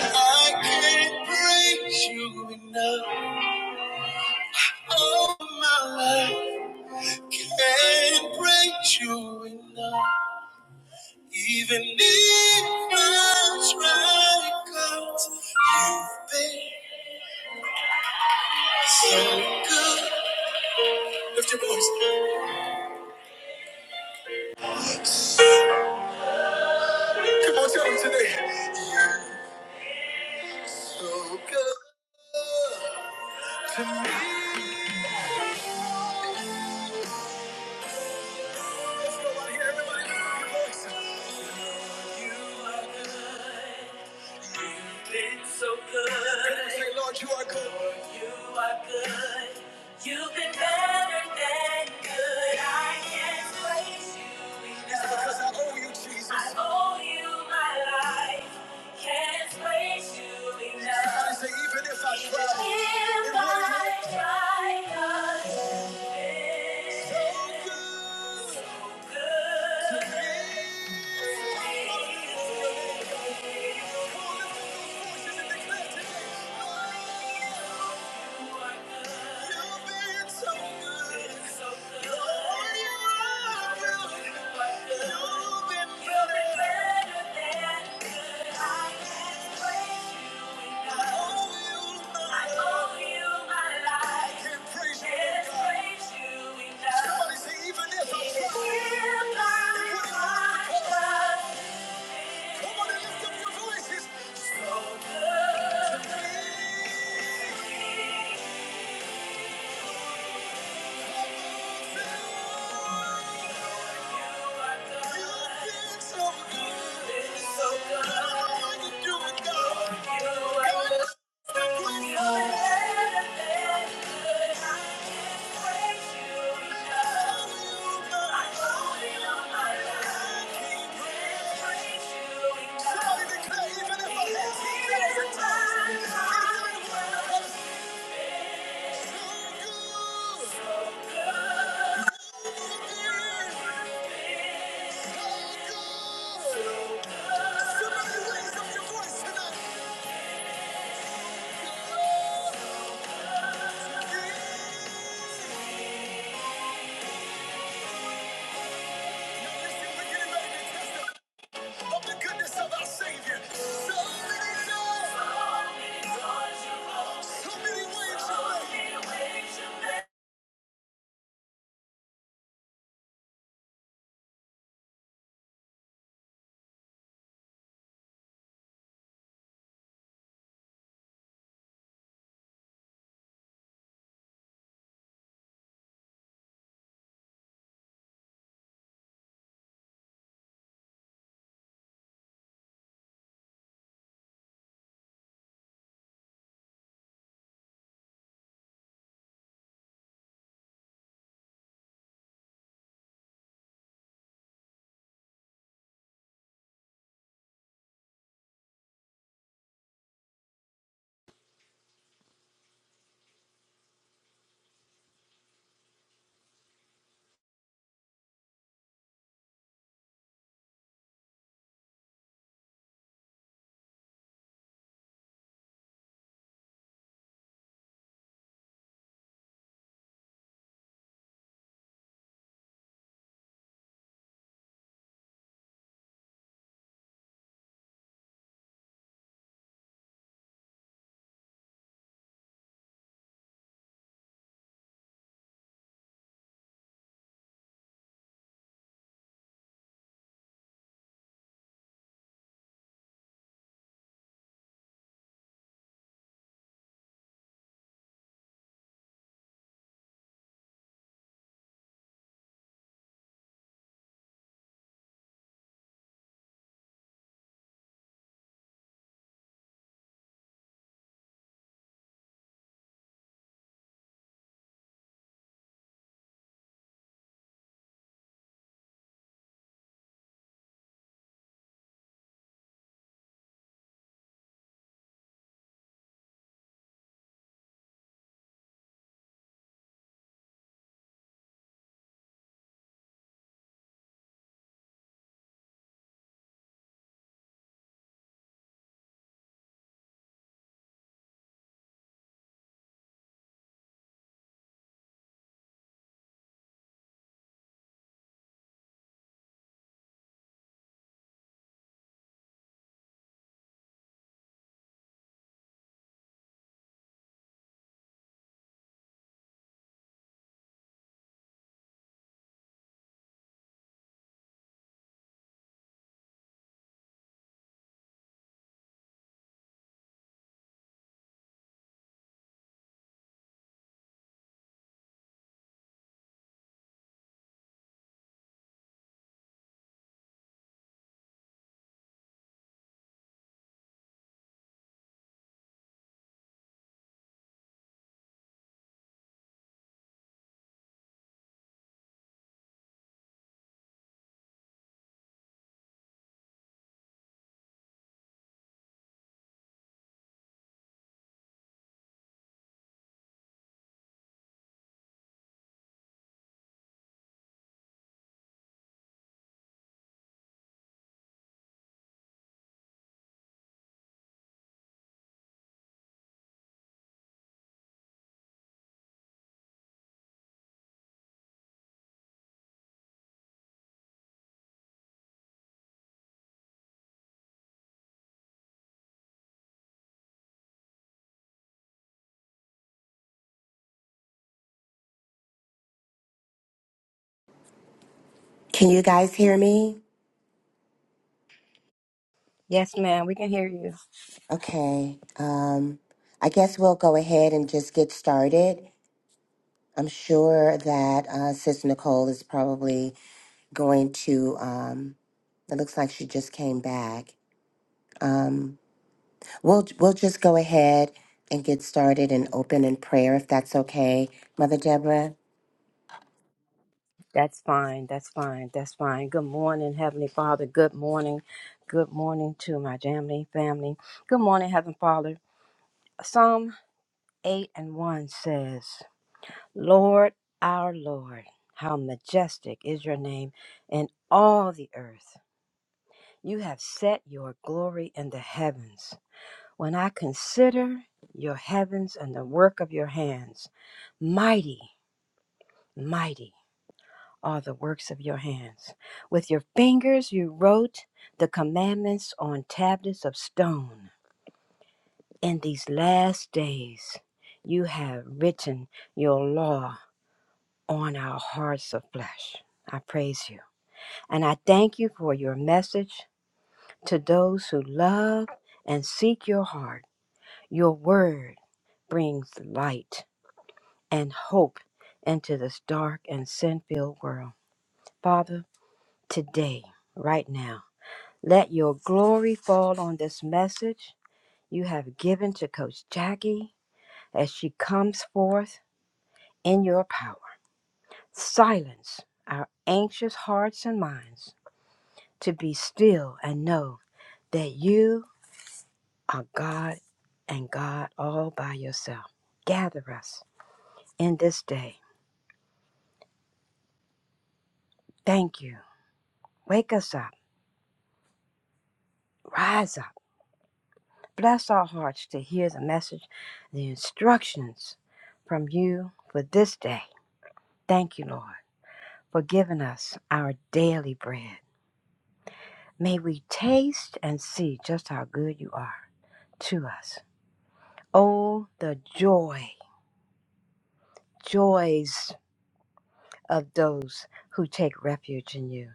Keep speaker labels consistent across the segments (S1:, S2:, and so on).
S1: I can't praise you enough. All my life, can't praise you enough. Even if I try, God, you you've been so good. Lift your voice. Come on, tell me today. You're So good to me. Let's go out here, everybody. Lift your voice. You are good. been so good. Say, Lord, you are good. Lord, you are good. You've been better than good. I can't praise you enough. because I owe you, Jesus. I owe you my life. Can't praise you enough. Somebody say, even if I try, even try, if it I wouldn't try, God, you've been So good. so good. to me. Even if I try, if I try. Somebody lift up your voices. So good to me. You've so good. you so good. I don't know how do it, God. You are God, good. stop with I can't praise you enough. I owe my life. Somebody declare, even if I had 10,000 times, it would
S2: Can you guys hear me?
S3: Yes, ma'am, we can hear you.
S2: Okay. Um, I guess we'll go ahead and just get started. I'm sure that uh, Sis Nicole is probably going to. Um, it looks like she just came back. Um, we'll we'll just go ahead and get started and open in prayer if that's okay, Mother Deborah.
S3: That's fine. That's fine. That's fine. Good morning, Heavenly Father. Good morning. Good morning to my family, family. Good morning, Heavenly Father. Psalm 8 and 1 says, Lord, our Lord, how majestic is your name in all the earth. You have set your glory in the heavens. When I consider your heavens and the work of your hands, mighty, mighty. are the works of your hands. With your fingers you wrote the commandments on tablets of stone. In these last days you have written your law on our hearts of flesh. I praise you. And I thank you for your message to those who love and seek your heart. Your word brings light and hope into this dark and sin filled world. Father, today, right now, Let your glory fall on this message you have given to Coach Jackie as she comes forth in your power. Silence our anxious hearts and minds to be still and know that you are God and God all by yourself. Gather us in this day. Thank you. Wake us up. Rise up. Bless our hearts to hear the message, the instructions from you for this day. Thank you, Lord. forgiving us our daily bread. May we taste and see just how good you are to us. Oh, the joy, joys of those who take refuge in you.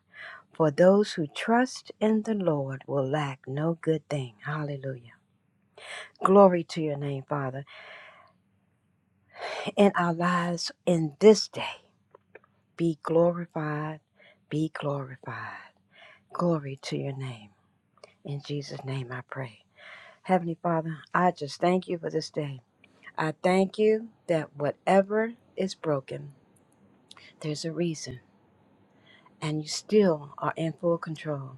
S3: For those who trust in the Lord will lack no good thing. Hallelujah. Glory to your name, Father. In our lives in this day, be glorified, be glorified. Glory to your name. In Jesus' name I pray. Heavenly Father, I just thank you for this day. I thank you that whatever is broken, there's a reason, and you still are in full control.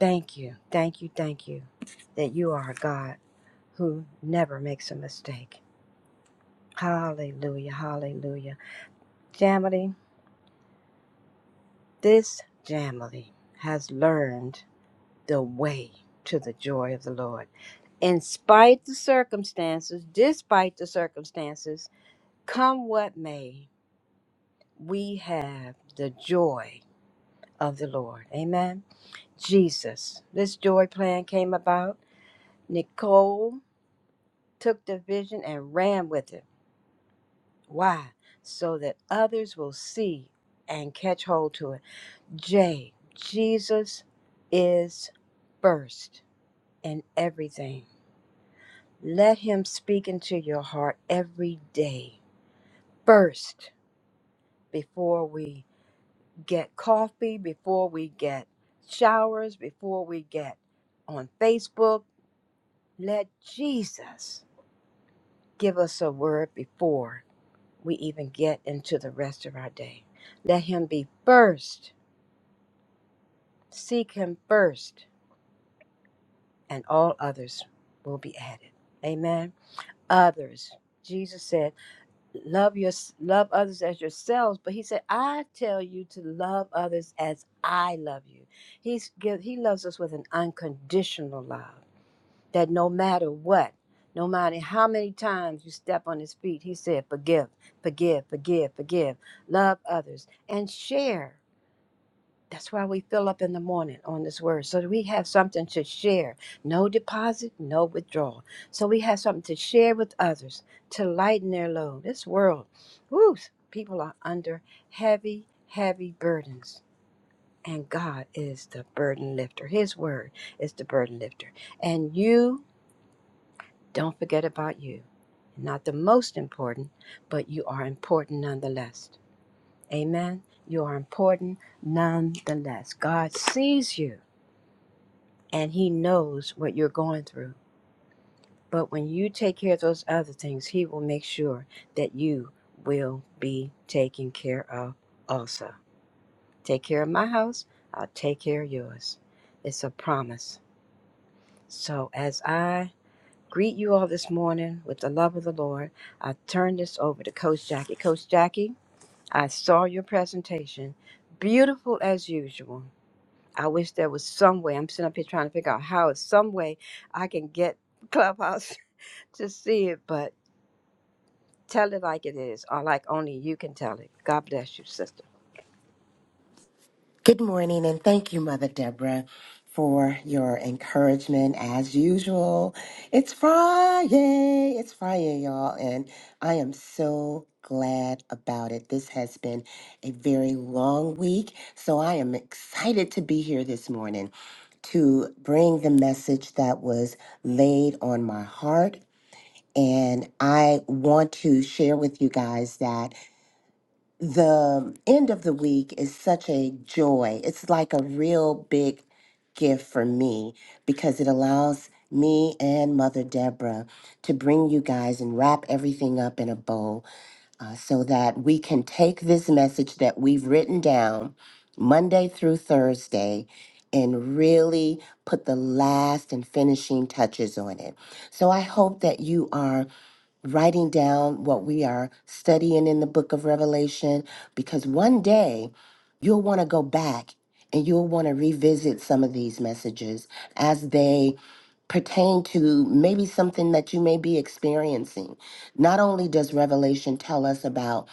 S3: Thank you, thank you, thank you that you are a God who never makes a mistake. Hallelujah, hallelujah. Jamily, this Jamily has learned the way to the joy of the Lord. In spite the circumstances, despite the circumstances, come what may, we have the joy of the Lord. Amen. Jesus, this joy plan came about. Nicole took the vision and ran with it. Why? So that others will see and catch hold to it. J, Jesus is first in everything. Let him speak into your heart every day. First, before we get coffee, before we get showers, before we get on Facebook. Let Jesus give us a word before we even get into the rest of our day. Let Him be first. Seek Him first, and all others will be added. Amen. Others. Jesus said, love your love others as yourselves but he said i tell you to love others as i love you he's give, he loves us with an unconditional love that no matter what no matter how many times you step on his feet he said forgive forgive forgive forgive love others and share that's why we fill up in the morning on this word, so that we have something to share. No deposit, no withdrawal. So we have something to share with others to lighten their load. This world, whoo, people are under heavy, heavy burdens. And God is the burden lifter. His word is the burden lifter. And you, don't forget about you. Not the most important, but you are important nonetheless. Amen. You are important nonetheless. God sees you. and he knows what you're going through. But when you take care of those other things, he will make sure that you will be taken care of also. Take care of my house, I'll take care of yours. It's a promise. So as I greet you all this morning with the love of the Lord, I turn this over to Coach Jackie. Coach Jackie, I saw your presentation. Beautiful as usual. I wish there was some way. I'm sitting up here trying to figure out how, is some way I can get Clubhouse to see it, but tell it like it is, or like only you can tell it. God bless you, sister.
S2: Good morning, and thank you, Mother Deborah, for your encouragement as usual. It's Friday. It's Friday, y'all, and I am so glad about it. This has been a very long week, so I am excited to be here this morning to bring the message that was laid on my heart. And I want to share with you guys that the end of the week is such a joy. It's like a real big gift for me because it allows me and Mother Deborah to bring you guys and wrap everything up in a bow uh, so that we can take this message that we've written down Monday through Thursday and really put the last and finishing touches on it. So I hope that you are writing down what we are studying in the book of Revelation, because one day you'll want to go back and you'll want to revisit some of these messages as they pertain to maybe something that you may be experiencing. Not only does Revelation tell us about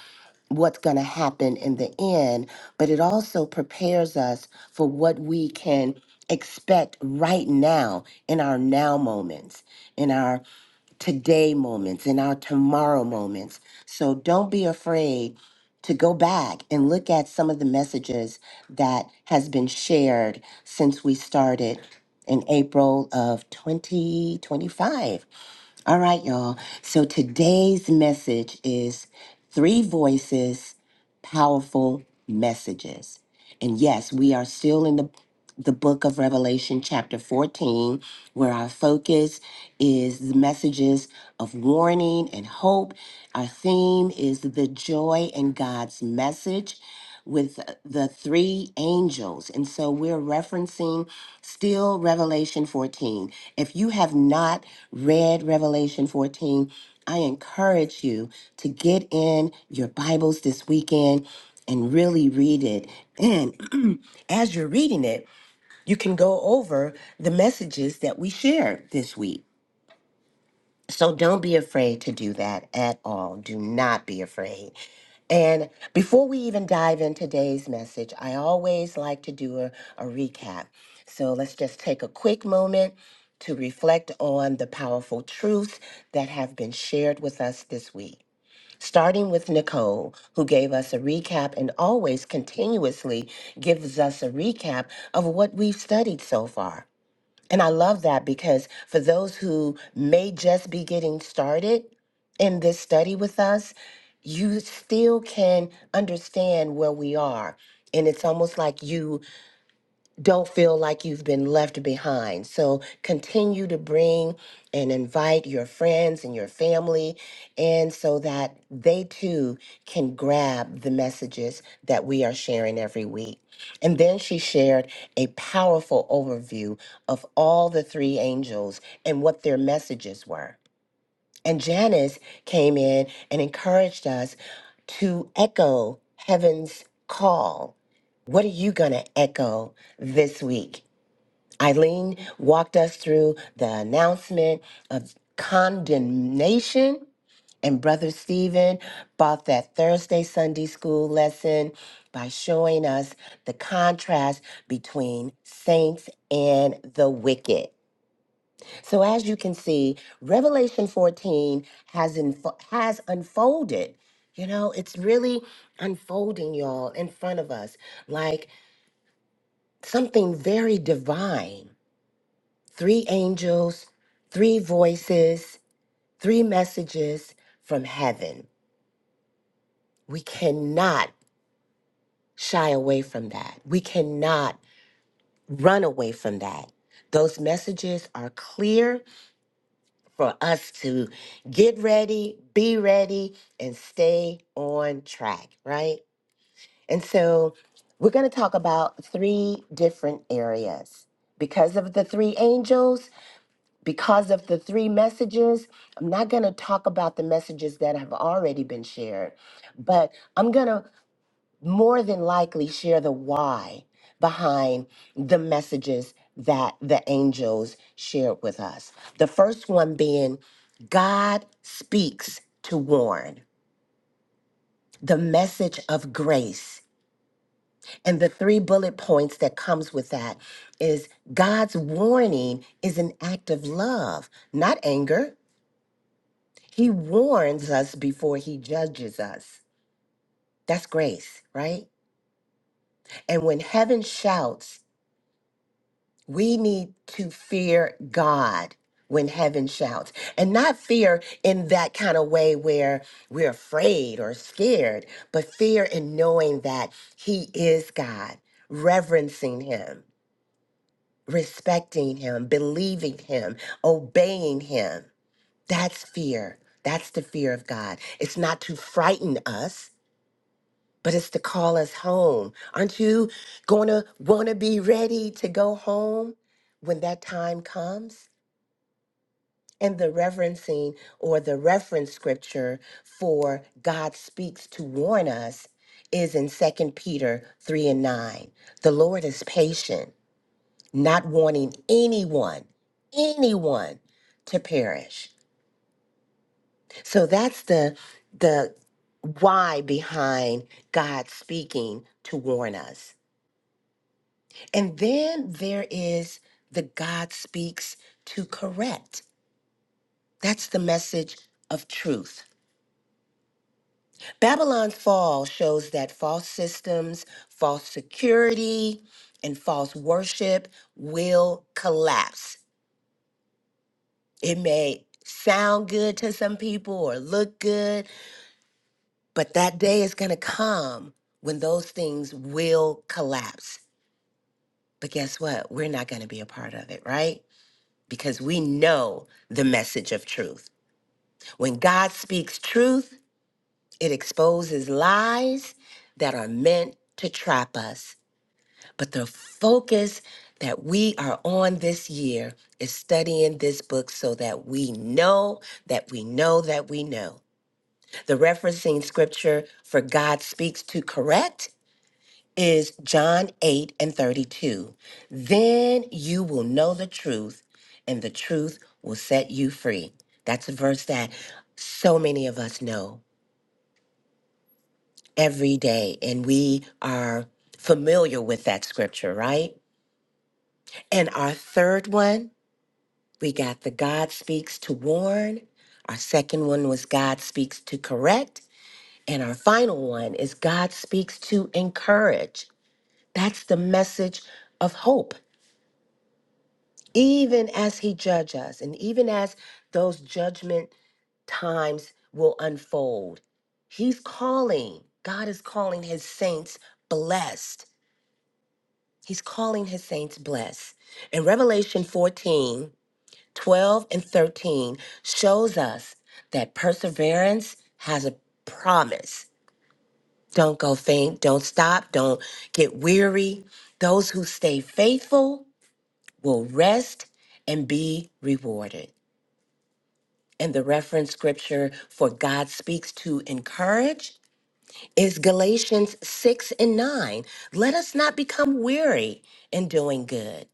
S2: what's going to happen in the end, but it also prepares us for what we can expect right now in our now moments, in our today moments and our tomorrow moments. So don't be afraid to go back and look at some of the messages that has been shared since we started in April of 2025. All right, y'all. So today's message is three voices, powerful messages. And yes, we are still in the the book of Revelation, chapter 14, where our focus is the messages of warning and hope. Our theme is the joy in God's message with the three angels. And so we're referencing still Revelation 14. If you have not read Revelation 14, I encourage you to get in your Bibles this weekend and really read it. And as you're reading it, you can go over the messages that we shared this week. So don't be afraid to do that at all. Do not be afraid. And before we even dive in today's message, I always like to do a, a recap. So let's just take a quick moment to reflect on the powerful truths that have been shared with us this week. Starting with Nicole, who gave us a recap and always continuously gives us a recap of what we've studied so far. And I love that because for those who may just be getting started in this study with us, you still can understand where we are. And it's almost like you don't feel like you've been left behind. So continue to bring and invite your friends and your family in so that they too can grab the messages that we are sharing every week. And then she shared a powerful overview of all the three angels and what their messages were. And Janice came in and encouraged us to echo heaven's call. What are you going to echo this week? Eileen walked us through the announcement of condemnation, and Brother Stephen brought that Thursday Sunday school lesson by showing us the contrast between saints and the wicked. So as you can see, Revelation 14 has info- has unfolded. You know, it's really unfolding, y'all, in front of us, like something very divine. Three angels, three voices, three messages from heaven. We cannot shy away from that. We cannot run away from that. Those messages are clear for us to get ready, be ready, and stay on track, right? And so we're going to talk about three different areas. Because of the three angels, because of the three messages, I'm not going to talk about the messages that have already been shared, but I'm going to more than likely share the why behind the messages that the angels shared with us. The first one being God speaks to warn, the message of grace. And the three bullet points that comes with that is God's warning is an act of love, not anger. He warns us before he judges us. That's grace, right? And when heaven shouts We need to fear God when heaven shouts, and not fear in that kind of way where we're afraid or scared, but fear in knowing that He is God, reverencing Him, respecting Him, believing Him, obeying Him. That's fear. That's the fear of God. It's not to frighten us but it's to call us home. Aren't you going to want to be ready to go home when that time comes? And the reverencing or the reference scripture for God speaks to warn us is in Second Peter 3 and 9. The Lord is patient, not wanting anyone, anyone to perish. So that's the the why behind God speaking to warn us. And then there is the God speaks to correct. That's the message of truth. Babylon's fall shows that false systems, false security, and false worship will collapse. It may sound good to some people or look good, but that day is going to come when those things will collapse. But guess what? We're not going to be a part of it, right? Because we know the message of truth. When God speaks truth, it exposes lies that are meant to trap us. But the focus that we are on this year is studying this book so that we know that we know that we know. The referencing scripture for God speaks to correct is John 8 and 32. Then you will know the truth, and the truth will set you free. That's a verse that so many of us know. every day. And we are familiar with that scripture, right? And our third one, we got the God speaks to warn. Our second one was God speaks to correct. And our final one is God speaks to encourage. That's the message of hope. Even as he judges, us, and even as those judgment times will unfold, he's calling. God is calling his saints blessed. He's calling his saints blessed. And Revelation 14 12 and 13 shows us that perseverance has a promise. Don't go faint, don't stop, don't get weary. Those who stay faithful will rest and be rewarded. And the reference scripture for God speaks to encourage is Galatians 6 and 9. Let us not become weary in doing good.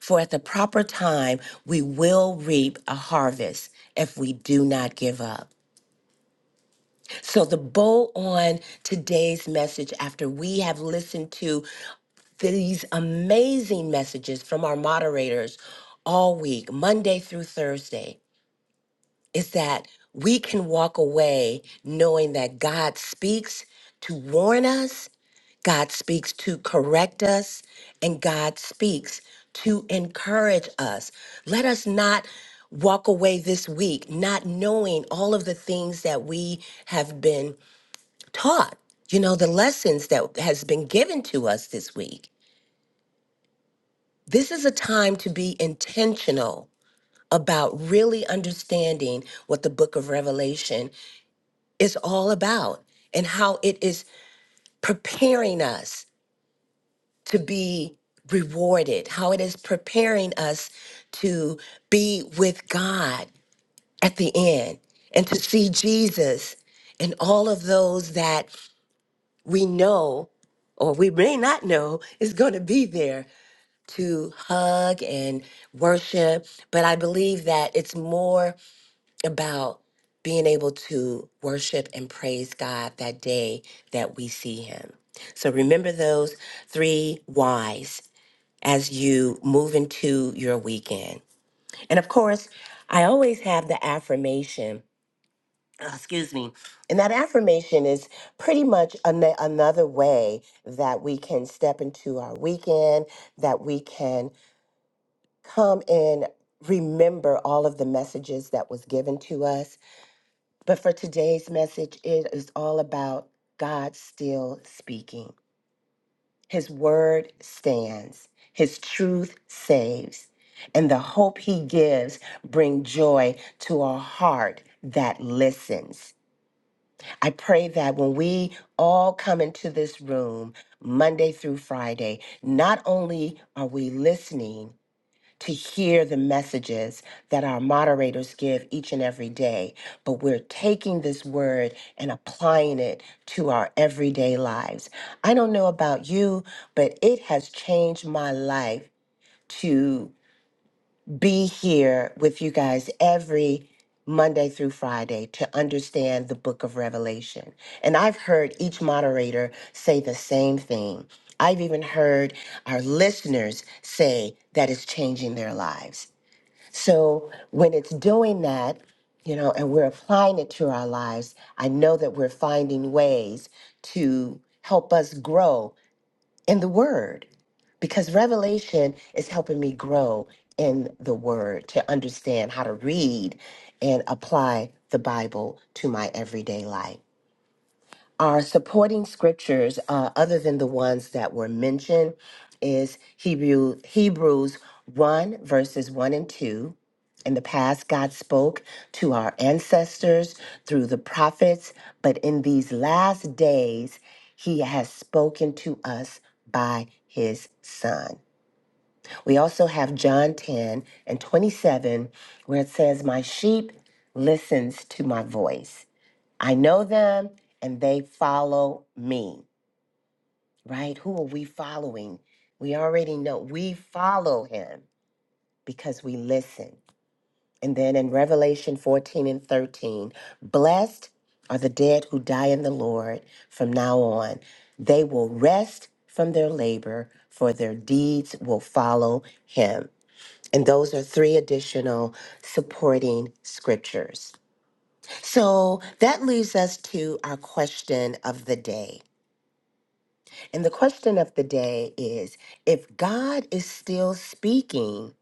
S2: For at the proper time, we will reap a harvest if we do not give up. So, the bow on today's message, after we have listened to these amazing messages from our moderators all week, Monday through Thursday, is that we can walk away knowing that God speaks to warn us God speaks to correct us, and God speaks to encourage us. Let us not walk away this week not knowing all of the things that we have been taught, you know, the lessons that has been given to us this week. This is a time to be intentional about really understanding what the book of Revelation is all about and how it is preparing us to be rewarded, how it is preparing us to be with God at the end and to see Jesus and all of those that we know or we may not know is going to be there to hug and worship. But I believe that it's more about being able to worship and praise God that day that we see Him. So remember those three whys as you move into your weekend. And of course, I always have the affirmation, uh, excuse me, and that affirmation is pretty much an- another way that we can step into our weekend, that we can come and remember all of the messages that was given to us. But for today's message, it is all about God still speaking. His word stands, his truth saves, and the hope he gives bring joy to a heart that listens. I pray that when we all come into this room Monday through Friday, not only are we listening, to hear the messages that our moderators give each and every day, but we're taking this word and applying it to our everyday lives. I don't know about you, but it has changed my life to be here with you guys every Monday through Friday to understand the book of Revelation. And I've heard each moderator say the same thing. I've even heard our listeners say that it's changing their lives. So when it's doing that, you know, and we're applying it to our lives, I know that we're finding ways to help us grow in the word because revelation is helping me grow in the word to understand how to read and apply the Bible to my everyday life. Our supporting scriptures, uh, other than the ones that were mentioned, is Hebrew, Hebrews 1, verses 1 and 2. In the past, God spoke to our ancestors through the prophets, but in these last days, He has spoken to us by His Son. We also have John 10 and 27, where it says, My sheep listens to my voice I know them and they follow me, right? Who are we following? We already know we follow him because we listen. And then in Revelation 14 and 13, blessed are the dead who die in the Lord from now on. They will rest from their labor, for their deeds will follow him. And those are three additional supporting scriptures. So that leaves us to our question of the day. And the question of the day is if God is still speaking,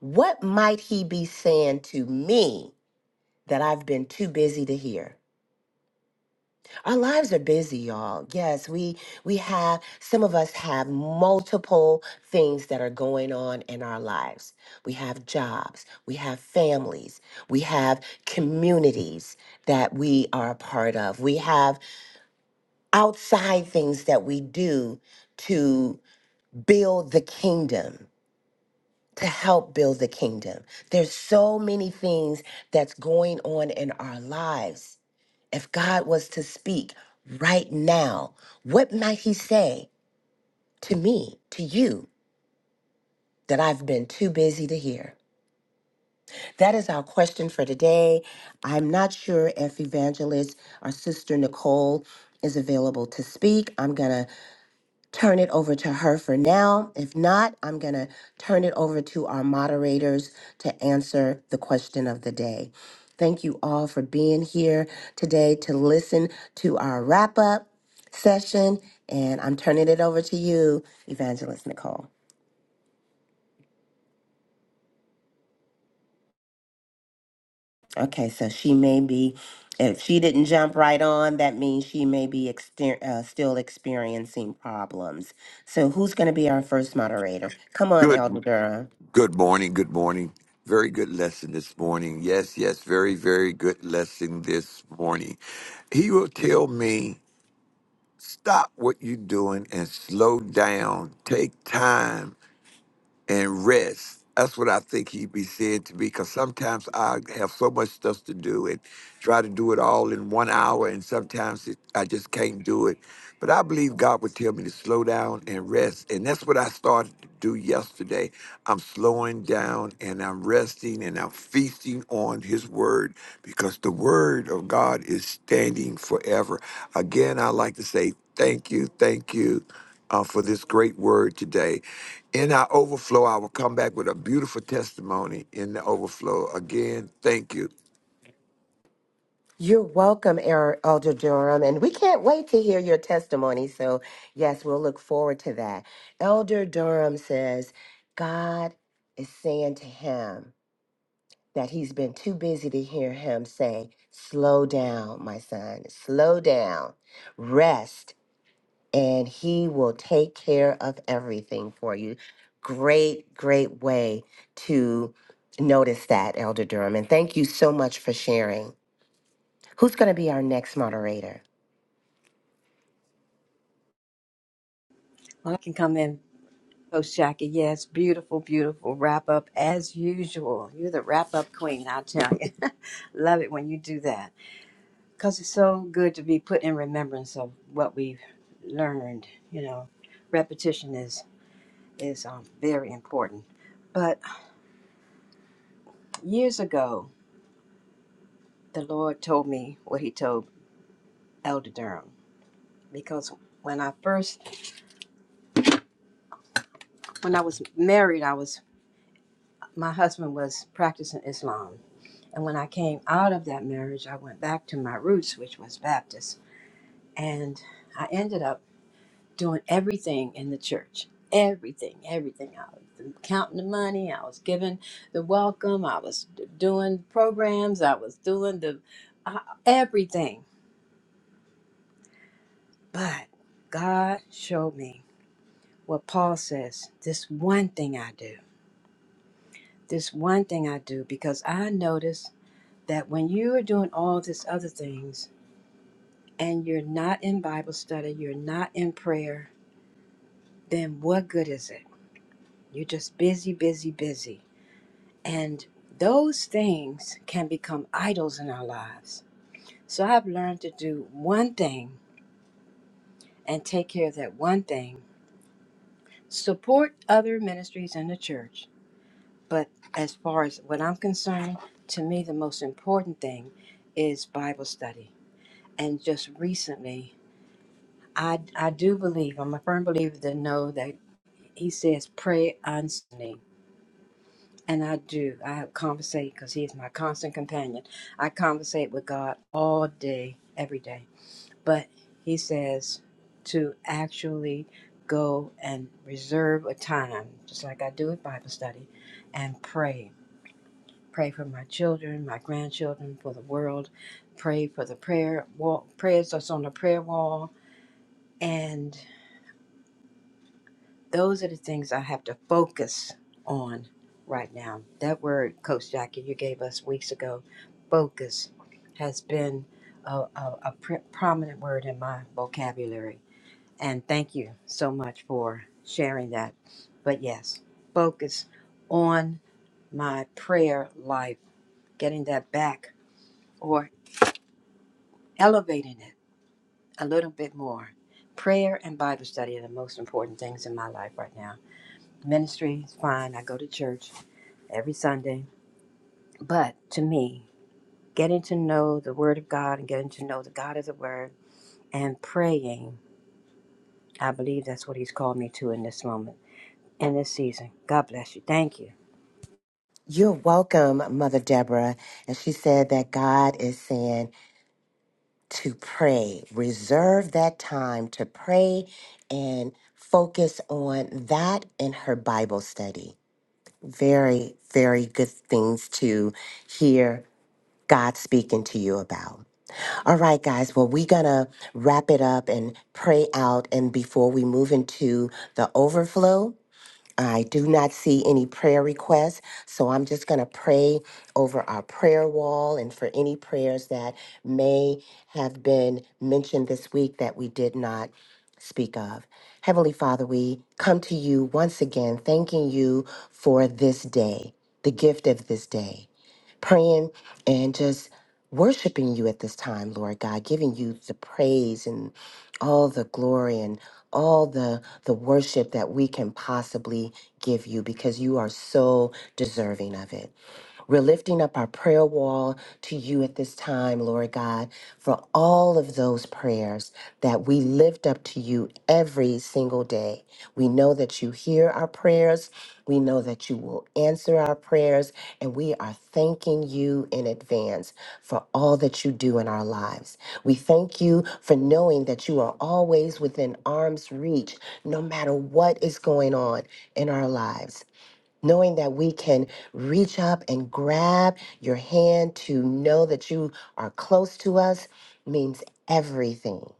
S2: what might he be saying to me that I've been too busy to hear? Our lives are busy, y'all. Yes, we we have some of us have multiple things that are going on in our lives. We have jobs, we have families, we have communities that we are a part of. We have outside things that we do to build the kingdom, to help build the kingdom. There's so many things that's going on in our lives. If God was to speak right now, what might He say to me, to you, that I've been too busy to hear? That is our question for today. I'm not sure if evangelist or sister Nicole is available to speak. I'm going to turn it over to her for now. If not, I'm going to turn it over to our moderators to answer the question of the day. Thank you all for being here today to listen to our wrap up session. And I'm turning it over to you, Evangelist Nicole. Okay, so she may be, if she didn't jump right on, that means she may be exter- uh, still experiencing problems. So, who's going to be our first moderator? Come on, Elder
S4: Good
S2: Durham.
S4: good morning, good morning. Very good lesson this morning. Yes, yes, very, very good lesson this morning. He will tell me, stop what you're doing and slow down. Take time and rest. That's what I think he'd be saying to me because sometimes I have so much stuff to do and try to do it all in one hour, and sometimes it, I just can't do it. But I believe God would tell me to slow down and rest. And that's what I started to do yesterday. I'm slowing down and I'm resting and I'm feasting on His Word because the Word of God is standing forever. Again, I like to say thank you, thank you uh, for this great word today. In our overflow, I will come back with a beautiful testimony in the overflow. Again, thank you.
S2: You're welcome, Er- Elder Durham, and we can't wait to hear your testimony. So, yes, we'll look forward to that. Elder Durham says, God is saying to him that he's been too busy to hear him say, Slow down, my son, slow down, rest, and he will take care of everything for you. Great, great way to notice that, Elder Durham. And thank you so much for sharing. Who's going to be our next moderator?
S3: Well, I can come in, Coach Jackie. Yes, beautiful, beautiful wrap up as usual. You're the wrap up queen, I will tell you. Love it when you do that because it's so good to be put in remembrance of what we've learned. You know, repetition is is um, very important. But years ago, the Lord told me what He told Elder Durham because when I first when I was married, I was my husband was practicing Islam, and when I came out of that marriage, I went back to my roots, which was Baptist, and I ended up doing everything in the church, everything, everything. I was counting the money, I was giving the welcome, I was d- doing programs, I was doing the uh, everything, but God showed me what Paul says this one thing I do, this one thing I do, because I notice that when you are doing all these other things and you're not in Bible study, you're not in prayer, then what good is it? You're just busy, busy, busy. And those things can become idols in our lives. So I've learned to do one thing and take care of that one thing, support other ministries in the church But as far as what I'm concerned, to me, the most important thing is Bible study. And just recently, I, I do believe, I'm a firm believer to know that he says, pray constantly. And I do. I conversate because he is my constant companion. I conversate with God all day, every day. But he says to actually go and reserve a time, just like I do with Bible study, and pray Pray for my children, my grandchildren, for the world. Pray for the prayer wall, prayers that's on the prayer wall. And those are the things I have to focus on right now. That word, Coach Jackie, you gave us weeks ago, focus, has been a, a, a pr- prominent word in my vocabulary. And thank you so much for sharing that. But yes, focus on my prayer life, getting that back or elevating it a little bit more. Prayer and Bible study are the most important things in my life right now. Ministry is fine. I go to church every Sunday. But to me, getting to know the Word of God and getting to know the God of the Word and praying, I believe that's what He's called me to in this moment, in this season. God bless you. Thank you.
S2: You're welcome, Mother Deborah. And she said that God is saying to pray, reserve that time to pray and focus on that in her Bible study. Very, very good things to hear God speaking to you about. All right, guys. Well, we're going to wrap it up and pray out. And before we move into the overflow, I do not see any prayer requests, so I'm just going to pray over our prayer wall and for any prayers that may have been mentioned this week that we did not speak of. Heavenly Father, we come to you once again, thanking you for this day, the gift of this day, praying and just worshiping you at this time, Lord God, giving you the praise and all the glory and all the the worship that we can possibly give you because you are so deserving of it. We're lifting up our prayer wall to you at this time, Lord God, for all of those prayers that we lift up to you every single day. We know that you hear our prayers. We know that you will answer our prayers. And we are thanking you in advance for all that you do in our lives. We thank you for knowing that you are always within arm's reach, no matter what is going on in our lives knowing that we can reach up and grab your hand to know that you are close to us means everything.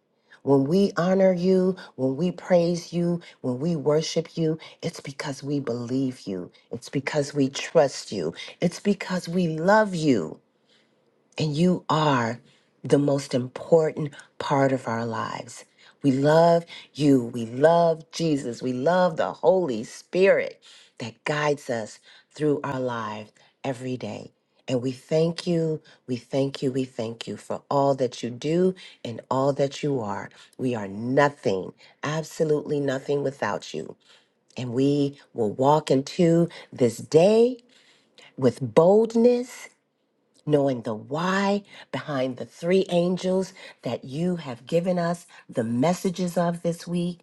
S2: When we honor you, when we praise you, when we worship you, it's because we believe you. It's because we trust you. It's because we love you. And you are the most important part of our lives. We love you. We love Jesus. We love the Holy Spirit that guides us through our lives every day. And we thank you, we thank you, we thank you for all that you do and all that you are. We are nothing, absolutely nothing without you. And we will walk into this day with boldness knowing the why behind the three angels that you have given us the messages of this week,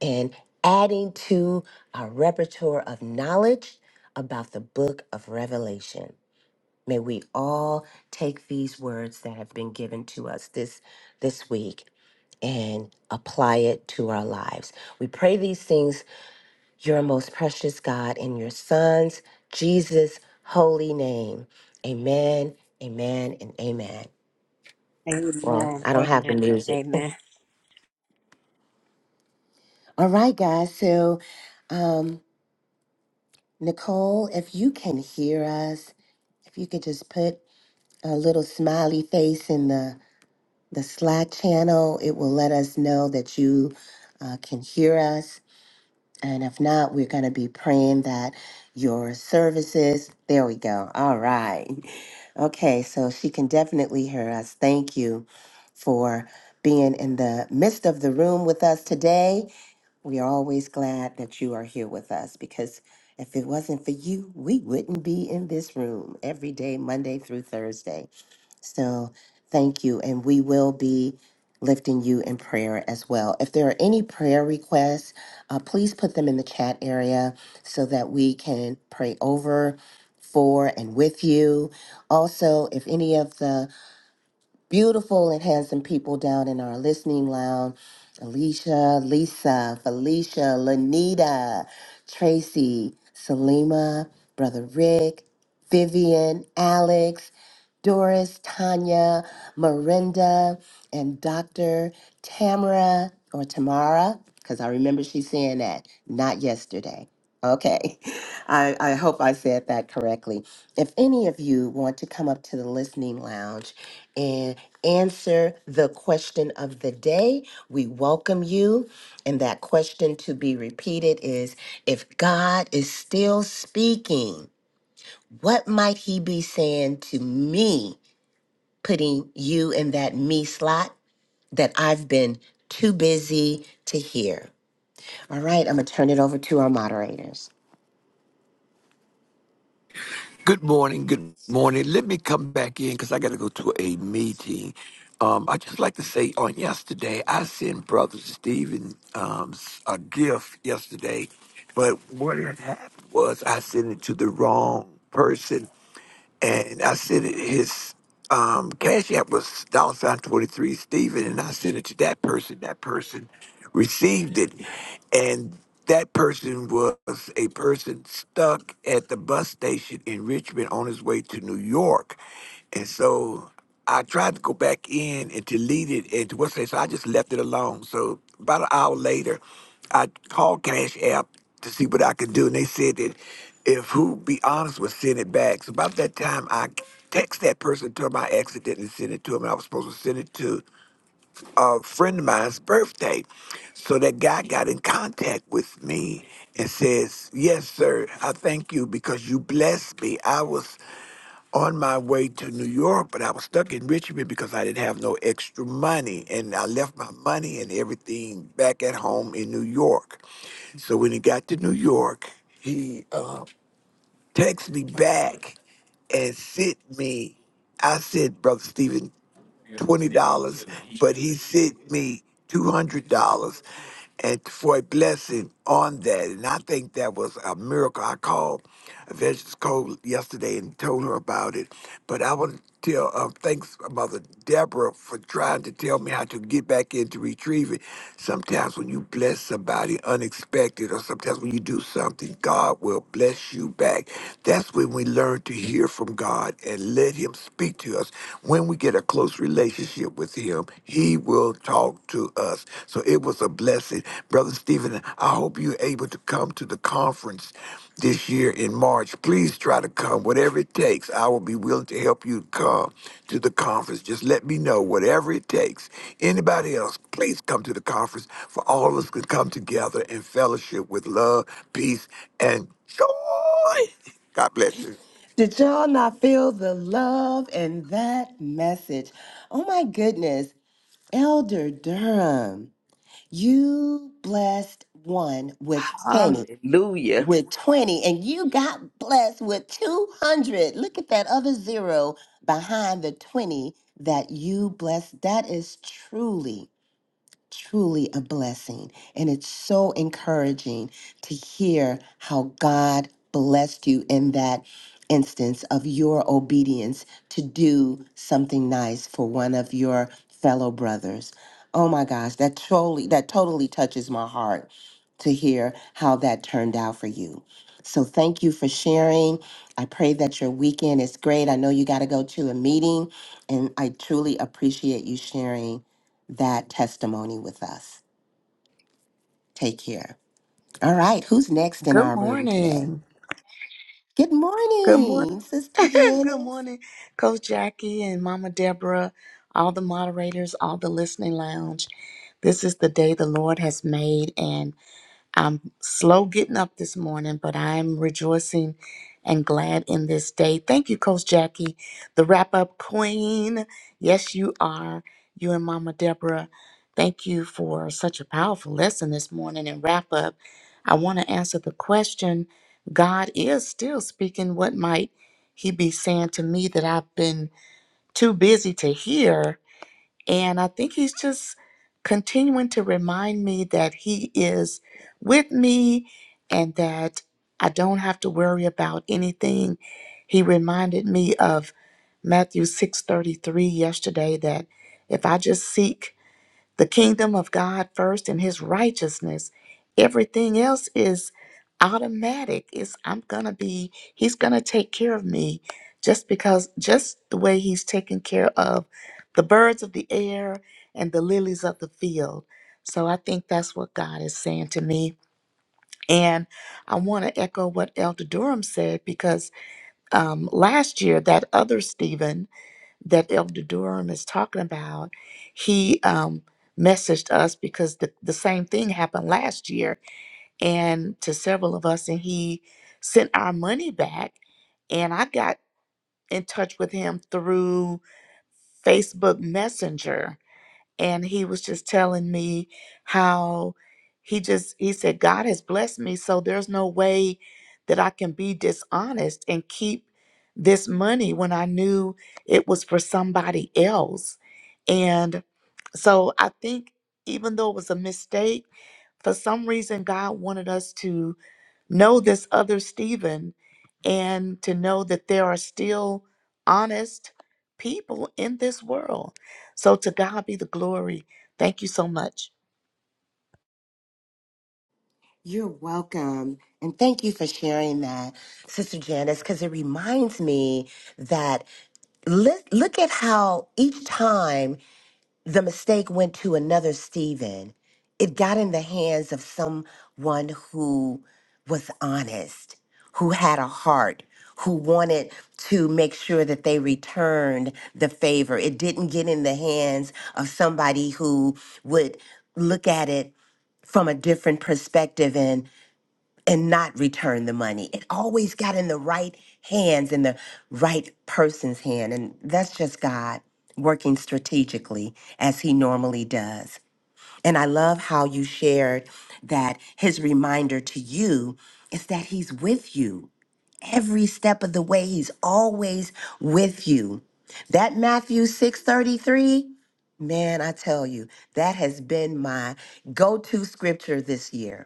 S2: and adding to our repertoire of knowledge about the book of Revelation. May we all take these words that have been given to us this this week and apply it to our lives. We pray these things your most precious God in your Son's Jesus' holy name. Amen, amen, and amen. Well,
S3: Amen.
S2: I don't have the
S3: Amen.
S2: music.
S3: Amen.
S2: All right, guys. So, um, Nicole, if you can hear us, if you could just put a little smiley face in the the Slack channel, it will let us know that you uh, can hear us. And if not, we're going to be praying that your services, there we go. All right. Okay, so she can definitely hear us. Thank you for being in the midst of the room with us today. We are always glad that you are here with us because if it wasn't for you, we wouldn't be in this room every day, Monday through Thursday. So thank you. And we will be lifting you in prayer as well. If there are any prayer requests, uh, please put them in the chat area so that we can pray over, for, and with you. Also, if any of the beautiful and handsome people down in our listening lounge Alicia, Lisa, Felicia, Lanita, Tracy, Salima, Brother Rick, Vivian, Alex, Doris, Tanya, Miranda, and Dr. Tamara or Tamara, because I remember she saying that, not yesterday. Okay, I, I hope I said that correctly. If any of you want to come up to the listening lounge, and answer the question of the day. We welcome you. And that question to be repeated is if God is still speaking, what might he be saying to me, putting you in that me slot that I've been too busy to hear? All right, I'm going to turn it over to our moderators.
S4: Good morning. Good morning. Let me come back in because I got to go to a meeting. Um, I just like to say on yesterday, I sent Brother Stephen um, s- a gift yesterday, but what had happened was I sent it to the wrong person and I sent it his um, cash app was dollar sign twenty three Steven, and I sent it to that person. That person received it, and that person was a person stuck at the bus station in Richmond on his way to New York, and so. I tried to go back in and delete it and to what's it, so I just left it alone. So about an hour later, I called Cash App to see what I could do, and they said that if who be honest would send it back. So about that time, I text that person told my accident and sent it to him. I was supposed to send it to a friend of mine's birthday. So that guy got in contact with me and says, "Yes, sir, I thank you because you blessed me. I was." on my way to New York, but I was stuck in Richmond because I didn't have no extra money. And I left my money and everything back at home in New York. So when he got to New York, he uh, texted me back and sent me. I said, Brother Stephen, twenty dollars, but he sent me two hundred dollars and for a blessing on that. And I think that was a miracle. I called Evangelist Cole yesterday and told her about it. But I want to tell um, thanks Mother Deborah for trying to tell me how to get back in to retrieve it. Sometimes when you bless somebody unexpected or sometimes when you do something, God will bless you back. That's when we learn to hear from God and let him him speak to us. When we get a close relationship with Him, He will talk to us. So it was a blessing. Brother Stephen, I hope you're able to come to the conference this year in March. Please try to come, whatever it takes. I will be willing to help you come to the conference. Just let me know, whatever it takes. Anybody else, please come to the conference for all of us can come together in fellowship with love, peace, and joy. God bless you.
S2: Did y'all not feel the love in that message? Oh my goodness, Elder Durham. You blessed one with 10,
S5: Hallelujah.
S2: with 20, and you got blessed with 200. Look at that other zero behind the 20 that you blessed. That is truly truly a blessing. And it's so encouraging to hear how God blessed you in that instance of your obedience to do something nice for one of your fellow brothers. Oh my gosh, that totally that totally touches my heart to hear how that turned out for you. So thank you for sharing. I pray that your weekend is great. I know you got to go to a meeting and I truly appreciate you sharing that testimony with us. Take care. All right, who's next in
S6: Good
S2: our room today?
S6: morning.
S2: Good
S6: Good morning.
S2: morning, Sister
S6: Good
S2: Janice.
S6: morning, Coach Jackie and Mama Deborah, all the moderators, all the listening lounge. This is the day the Lord has made, and I'm slow getting up this morning, but I'm rejoicing and glad in this day. Thank you, Coach Jackie, the wrap up queen. Yes, you are. You and Mama Deborah, thank you for such a powerful lesson this morning and wrap up. I want to answer the question God is still speaking. What might He be saying to me that I've been too busy to hear? And I think he's just continuing to remind me that he is with me and that I don't have to worry about anything. He reminded me of Matthew 6:33 yesterday that if I just seek the kingdom of God first and his righteousness. Everything else is automatic. It's I'm going to be he's going to take care of me just because just the way he's taking care of the birds of the air and the lilies of the field. So I think that's what God is saying to me. And I want to echo what Elder Durham said because um, last year, that other Stephen, that Elder Durham is talking about, he um, messaged us because the, the same thing happened last year and to several of us, and he sent our money back. And I got in touch with him through Facebook Messenger and he was just telling me how he just he said god has blessed me so there's no way that i can be dishonest and keep this money when i knew it was for somebody else and so i think even though it was a mistake for some reason god wanted us to know this other Stephen and to know that there are still honest people in this world. So to God be the glory. Thank you so much.
S2: You're welcome. And thank you for sharing that, Sister Janice, because it reminds me that li- look at how each time the mistake went to another Stephen. It got in the hands of someone who was honest, who had a heart, who wanted to make sure that they returned the favor. It didn't get in the hands of somebody who would look at it from a different perspective and and not return the money. It always got in the right hands, in the right person's hand. And that's just God working strategically as he normally does. And I love how you shared that his reminder to you is that he's with you every step of the way. He's always with you. That Matthew 6:33, man, I tell you, that has been my go-to scripture this year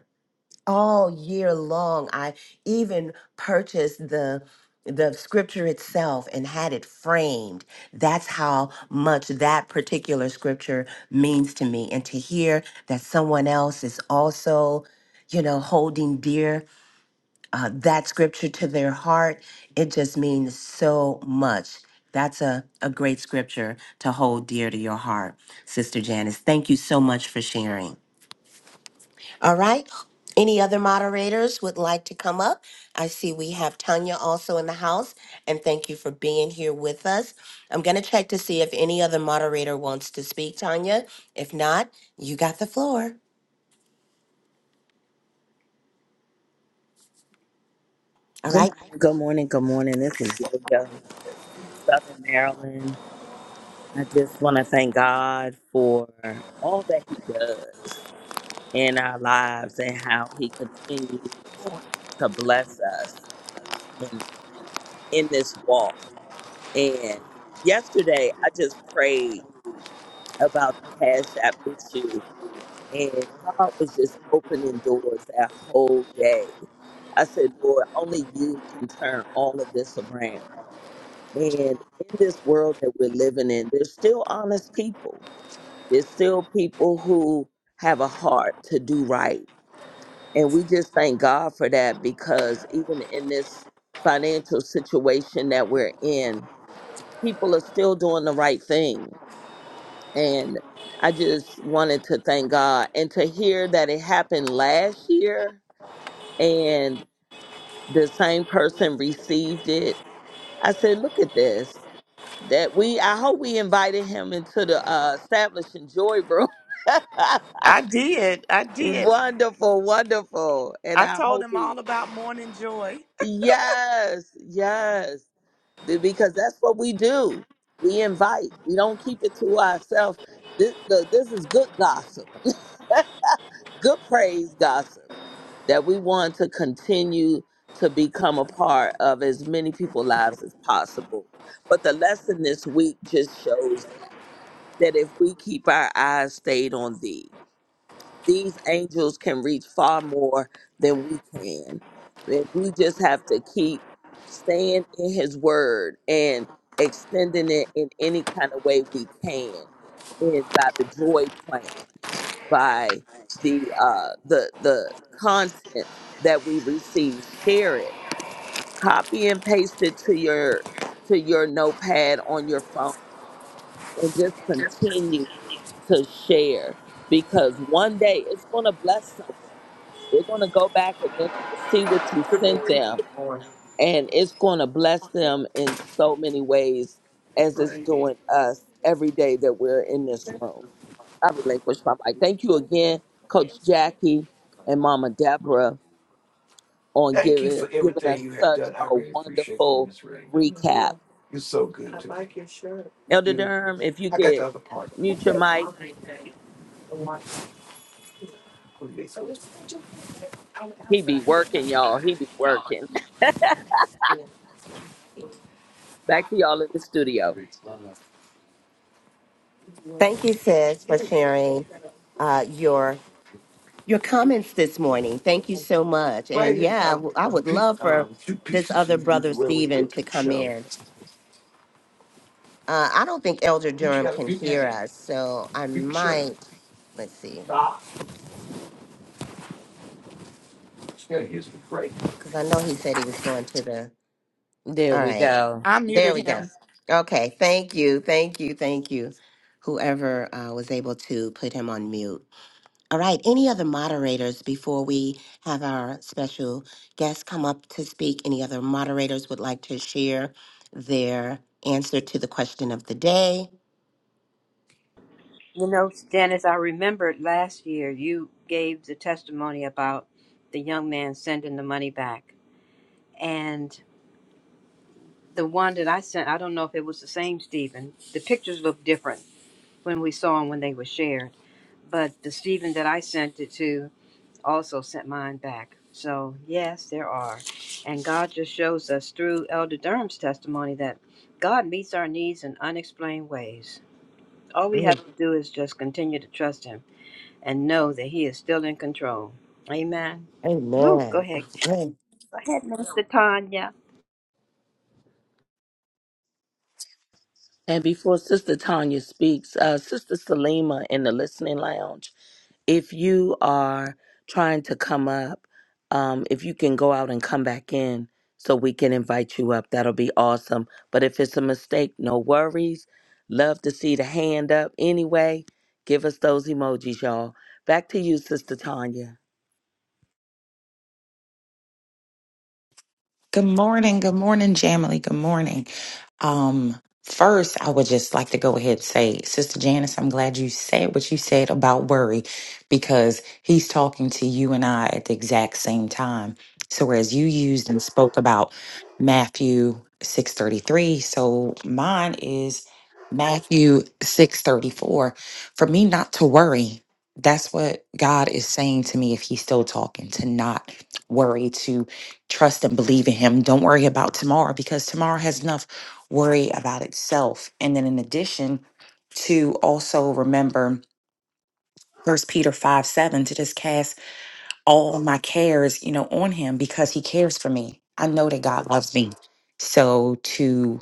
S2: all year long. I even purchased the the scripture itself and had it framed. That's how much that particular scripture means to me. And to hear that someone else is also, you know, holding dear uh, that scripture to their heart, it just means so much. That's a, a great scripture to hold dear to your heart, Sister Janice. Thank you so much for sharing. All right. Any other moderators would like to come up? I see we have Tanya also in the house, and thank you for being here with us. I'm going to check to see if any other moderator wants to speak, Tanya. If not, you got the floor. All
S5: Good
S2: right.
S5: morning, good morning, good morning. This is Yo-Yo, Southern Maryland. I just want to thank God for all that He does in our lives and how He continues to bless us in, in this walk. And yesterday, I just prayed about the Cash App issue, and God was just opening doors that whole day. I said, Lord, only you can turn all of this around. And in this world that we're living in, there's still honest people. There's still people who have a heart to do right. And we just thank God for that because even in this financial situation that we're in, people are still doing the right thing. And I just wanted to thank God and to hear that it happened last year and the same person received it. I said, look at this that we I hope we invited him into the uh establishing joy room.
S6: I did. I did.
S5: wonderful, wonderful. And
S6: I
S5: I
S6: told
S5: hope
S6: him
S5: he
S6: all about morning joy.
S5: Yes, yes. The- Because that's what we do. We invite. We don't keep it to ourselves. This look, this is good gossip, good praise gossip that we want to continue to become a part of as many people's lives as possible. But the lesson this week just shows that. that if we keep our eyes stayed on thee, these angels can reach far more than we can. That we just have to keep staying in his word and extending it in any kind of way we can. And by the joy plan, by the uh the the content that we receive, share it. Copy and paste it to your to your notepad on your phone and just continue to share because one day it's going to bless someone. They're going to go back and they're going to see what you sent them, and it's going to bless them in so many ways as it's doing us every day that we're in this room. I relinquish my mic. Thank you again, Coach Jackie and Mama Deborah, on
S4: Thank you
S5: giving
S4: for
S5: giving
S4: everything
S5: us
S4: you have
S5: such
S4: done. I
S5: a
S4: really appreciate you,
S5: wonderful
S4: Miss Ray.
S5: recap.
S4: You're so good to me. I
S5: Elder
S4: You, do.
S5: Durham, if you
S4: I got
S5: could
S4: the other part.
S5: mute your mic.
S4: of it.
S5: He be working, y'all. He be working. Back to y'all in the studio.
S2: Thank you, sis, for sharing uh, your your comments this morning. Thank you so much. And
S4: Right,
S2: yeah, I
S4: uh,
S2: w- I
S4: um,
S2: would
S4: pe-
S2: love for
S4: um, two
S2: this
S4: pieces
S2: other
S4: you
S2: brother
S4: usually wear when you go
S2: Stephen
S4: to
S2: to
S4: the
S2: come
S4: show.
S2: in. Uh, I don't think Elder
S4: You
S2: Durham
S4: got a
S2: can
S4: big
S2: hear
S4: hat,
S2: us, so I
S4: big shirt,
S2: might let's see.
S4: ah, yeah, here's the break.
S2: Because I know he said he was going to the.
S5: There
S2: All
S5: we
S2: right.
S5: go.
S6: I
S2: There
S6: muted
S2: we go.
S6: him.
S2: Okay. Thank you. Thank you. Thank you. Whoever uh, was able to put him on mute. All right. Any other moderators before we have our special guest come up to speak? Any other moderators would like to share their answer to the question of the day?
S3: You know, Dennis, I remembered last year you gave the testimony about the young man sending the money back. and the one that I sent, I don't know if it was the same Stephen. The pictures looked different when we saw them when they were shared, but the Stephen that I sent it to also sent mine back. So yes, there are, and God just shows us through Elder Durham's testimony that God meets our needs in unexplained ways. All we have
S2: Mm,
S3: to do is just continue to trust Him and know that He is still in control. Amen. Woo, go
S2: Amen.
S3: ahead. Go ahead, Minister Tanya.
S5: And before Sister Tanya speaks, uh, Sister Salima in the listening lounge, if you are trying to come up, um, if you can go out and come back in so we can invite you up, that'll be awesome. But if it's a mistake, no worries. Love to see the hand up anyway. Give us those emojis, y'all. Back to you, Sister Tanya.
S7: Good morning. Good morning, Jamily. Good morning. Um, first, I would just like to go ahead and say, Sister Janice, I'm glad you said what you said about worry because he's talking to you and I at the exact same time. So whereas you used and spoke about Matthew 6:33, so mine is Matthew 6:34 for me not to worry. That's what God is saying to me if he's still talking to not worry to trust and believe in him. Don't worry about tomorrow because tomorrow has enough worry about itself. And then in addition to also remember first Peter 5 7 to just cast all my cares, you know, on him because he cares for me. I know that God loves me. So to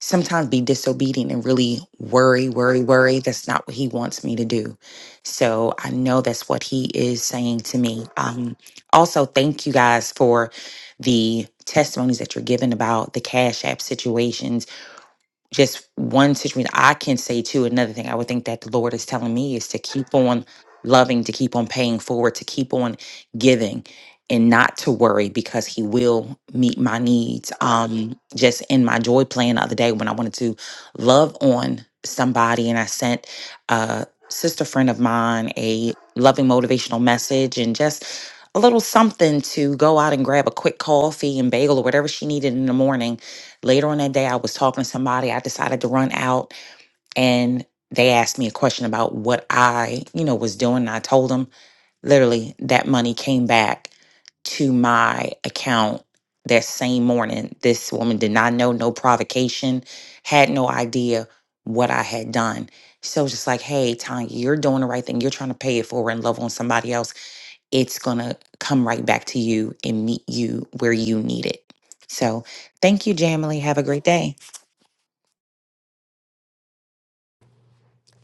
S7: sometimes be disobedient and really worry, worry, worry. That's not what he wants me to do. So I know that's what he is saying to me. Um, also, thank you guys for the testimonies that you're giving about the Cash App situations just one situation i can say too another thing i would think that the lord is telling me is to keep on loving to keep on paying forward to keep on giving and not to worry because he will meet my needs um just in my joy plan the other day when i wanted to love on somebody and i sent a sister friend of mine a loving motivational message and just a little something to go out and grab a quick coffee and bagel or whatever she needed in the morning Later on that day, I was talking to somebody. I decided to run out and they asked me a question about what I, you know, was doing. And I told them literally that money came back to my account that same morning. This woman did not know, no provocation, had no idea what I had done. So it's just like, hey, Tanya, you're doing the right thing. You're trying to pay it forward and love on somebody else. It's going to come right back to you and meet you where you need it. So thank you, Jamily. Have a great day.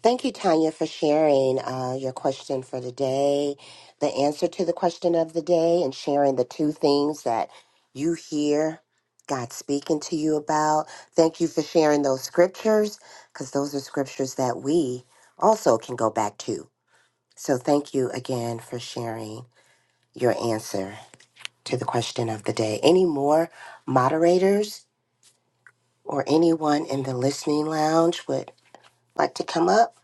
S2: Thank you, Tanya, for sharing uh, your question for the day, the answer to the question of the day, and sharing the two things that you hear God speaking to you about. Thank you for sharing those scriptures, because those are scriptures that we also can go back to. So thank you again for sharing your answer to the question of the day. Any more moderators or anyone in the listening lounge would like to come up?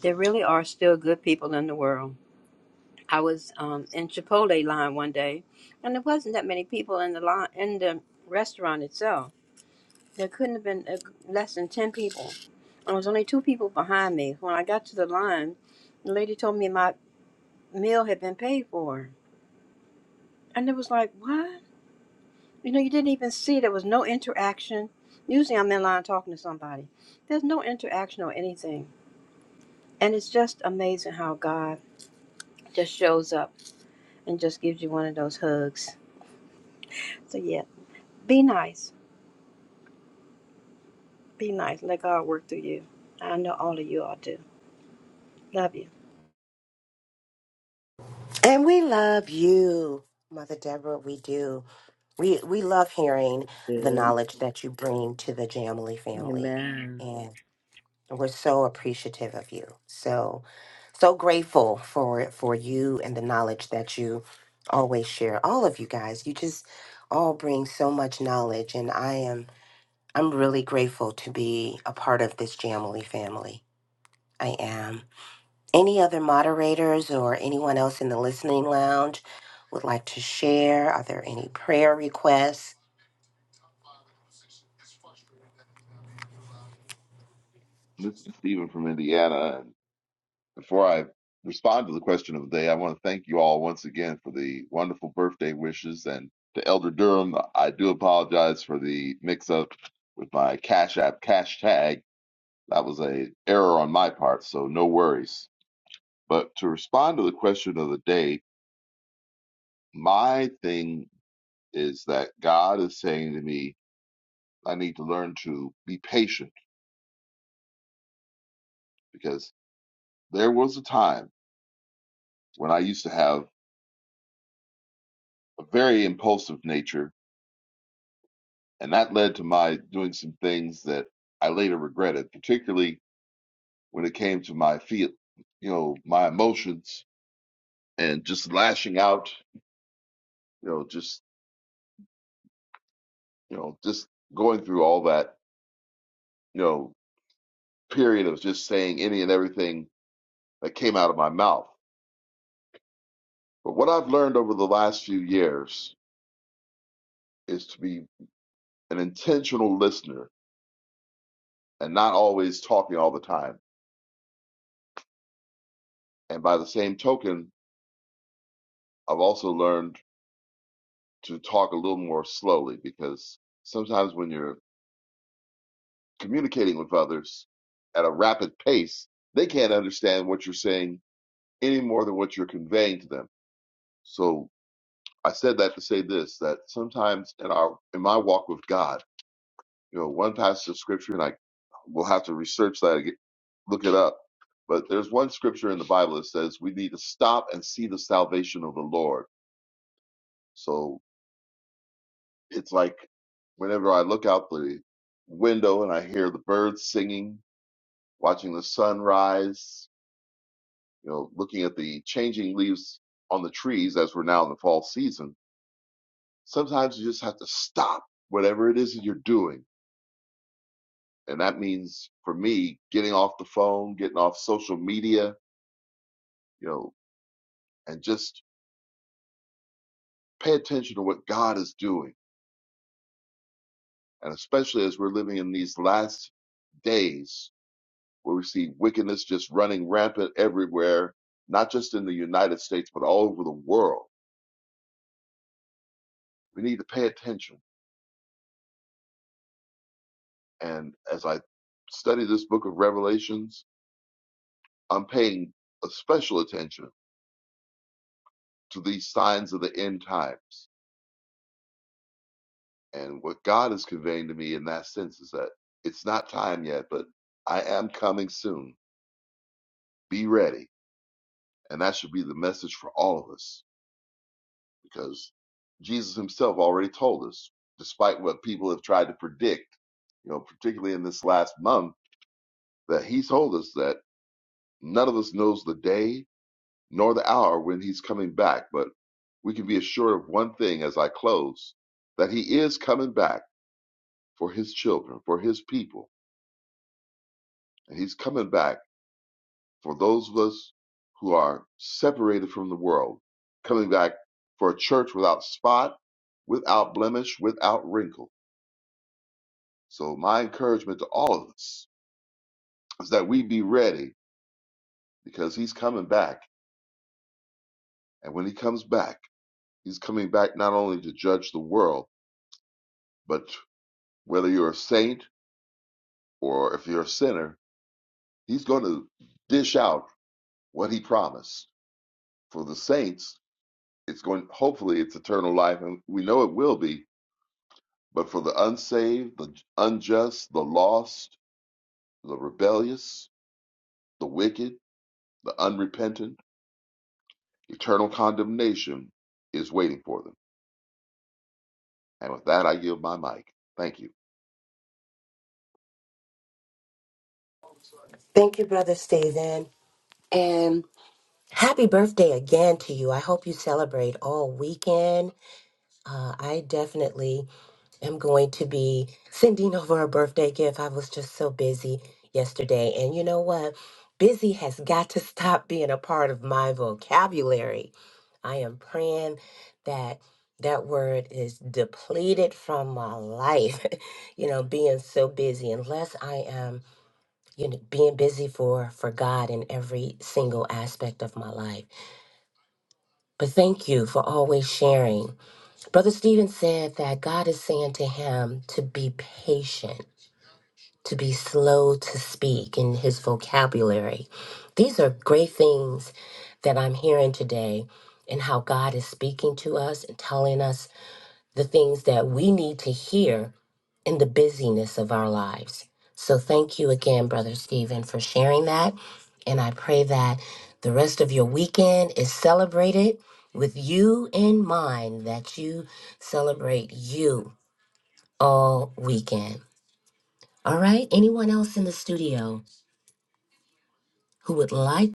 S3: There really are still good people in the world. I was um, in Chipotle line one day, and there wasn't that many people in the line in the restaurant itself. There couldn't have been uh, less than ten people. And there was only two people behind me. When I got to the line, the lady told me my meal had been paid for, and it was like, what? You know, you didn't even see. There was no interaction. Usually, I'm in line talking to somebody. There's no interaction or anything, and it's just amazing how God just shows up and just gives you one of those hugs. So yeah, be nice Be nice. Let God work through you. I know all of you all do. Love you.
S2: And we love you, Mother Deborah. We do. We we love hearing the
S5: Yeah.
S2: knowledge that you bring to the Jamily family,
S5: Amen.
S2: and we're so appreciative of you. So, so grateful for for you and the knowledge that you always share. All of you guys, you just all bring so much knowledge, and I am I'm really grateful to be a part of this Jamily family. I am. Any other moderators or anyone else in the listening lounge would like to share? Are there any prayer requests?
S8: This is Stephen from Indiana. And before I respond to the question of the day, I want to thank you all once again for the wonderful birthday wishes. And to Elder Durham, I do apologize for the mix up with my Cash App cash tag. That was a error on my part, so no worries. But to respond to the question of the day, my thing is that God is saying to me, I need to learn to be patient because there was a time when I used to have a very impulsive nature And that led to my doing some things that I later regretted, particularly when it came to my feel, you know, my emotions and just lashing out, you know, just, you know, just going through all that, you know, period of just saying any and everything that came out of my mouth. But what I've learned over the last few years is to be an intentional listener and not always talking all the time. And by the same token, I've also learned to talk a little more slowly because sometimes when you're communicating with others at a rapid pace, they can't understand what you're saying any more than what you're conveying to them. So I said that to say this that sometimes in our in my walk with God, you know, one passage of scripture and I will have to research that ag- look it up. But there's one scripture in the Bible that says we need to stop and see the salvation of the Lord. So It's like whenever I look out the window and I hear the birds singing, watching the sunrise, you know, looking at the changing leaves on the trees as we're now in the fall season, sometimes you just have to stop whatever it is that you're doing. And that means for me, getting off the phone, getting off social media, you know, and just pay attention to what God is doing. And especially as we're living in these last days, where we see wickedness just running rampant everywhere, not just in the United States, but all over the world. We need to pay attention. And as I study this book of Revelations, I'm paying a special attention to these signs of the end times. And what God is conveying to me in that sense is that it's not time yet, but I am coming soon. Be ready. And that should be the message for all of us. because Jesus himself already told us, despite what people have tried to predict, you know, particularly in this last month, that he told us that none of us knows the day nor the hour when he's coming back. But we can be assured of one thing as I close that he is coming back for his children, for his people. And he's coming back for those of us who are separated from the world, coming back for a church without spot, without blemish, without wrinkle So my encouragement to all of us is that we be ready because he's coming back. And when he comes back, he's coming back not only to judge the world, but whether you're a saint or if you're a sinner, he's going to dish out what he promised. For the saints, it's going hopefully it's eternal life and we know it will be, but for the unsaved, the unjust, the lost, the rebellious, the wicked, the unrepentant, eternal condemnation is waiting for them. And with that, I yield my mic. Thank you.
S2: Thank you, Brother Stephen. And happy birthday again to you. I hope you celebrate all weekend. Uh, I definitely am going to be sending over a birthday gift. I was just so busy yesterday. And you know what? Busy has got to stop being a part of my vocabulary. I am praying that that word is depleted from my life. you know, being so busy unless I am you know being busy for for God in every single aspect of my life. But thank you for always sharing Brother Stephen said that God is saying to him to be patient, to be slow to speak in his vocabulary. These are great things that I'm hearing today and how God is speaking to us and telling us the things that we need to hear in the busyness of our lives. So thank you again, Brother Stephen, for sharing that. And I pray that the rest of your weekend is celebrated with you in mind, that you celebrate you all weekend. All right? Anyone else in the studio who would like?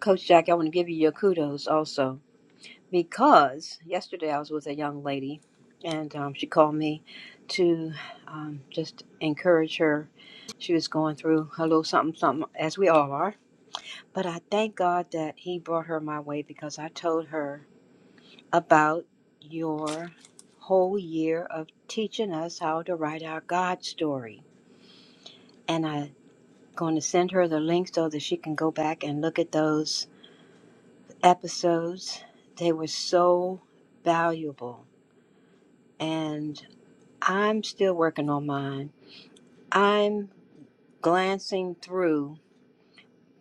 S3: Coach Jackie, I want to give you your kudos also because yesterday I was with a young lady and um, she called me to um, just encourage her. She was going through a little something, something, as we all are. But I thank God that He brought her my way because I told her about your whole year of teaching us how to write our God story. and I. going to send her the link so that she can go back and look at those episodes. They were so valuable. And I'm still working on mine. I'm glancing through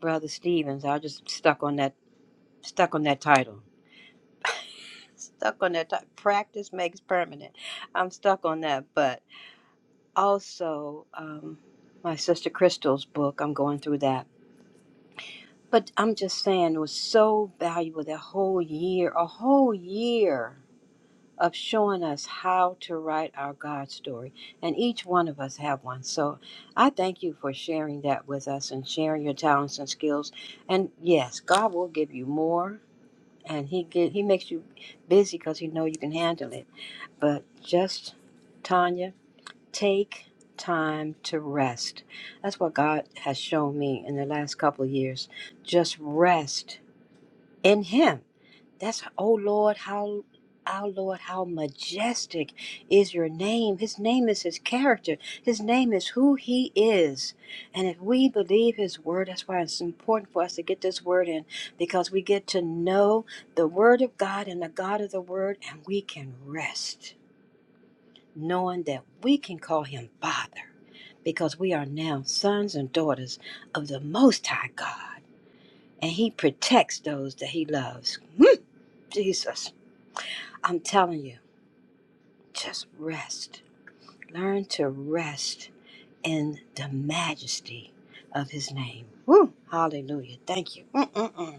S3: Brother Stevens. I just stuck on that stuck on that title. Stuck on that ti- practice makes permanent. I'm stuck on that, but also um, my sister Crystal's book. I'm going through that But I'm just saying, it was so valuable that whole year, a whole year of showing us how to write our God story. And each one of us have one. So I thank you for sharing that with us and sharing your talents and skills. And yes, God will give you more and he get, he makes you busy because he know you can handle it. But just Tanya, take time to rest. That's what God has shown me in the last couple of years. Just rest in him. That's oh Lord, how our Lord, how majestic is your name. His name is his character. His name is who he is. And if we believe his word, that's why it's important for us to get this word in because we get to know the word of God and the God of the word, and we can rest knowing that we can call him Father because we are now sons and daughters of the Most High God and he protects those that he loves. Hmm, Jesus, I'm telling you, just rest. Learn to rest in the majesty of his name. Woo, hallelujah. Thank you. Mm-mm-mm.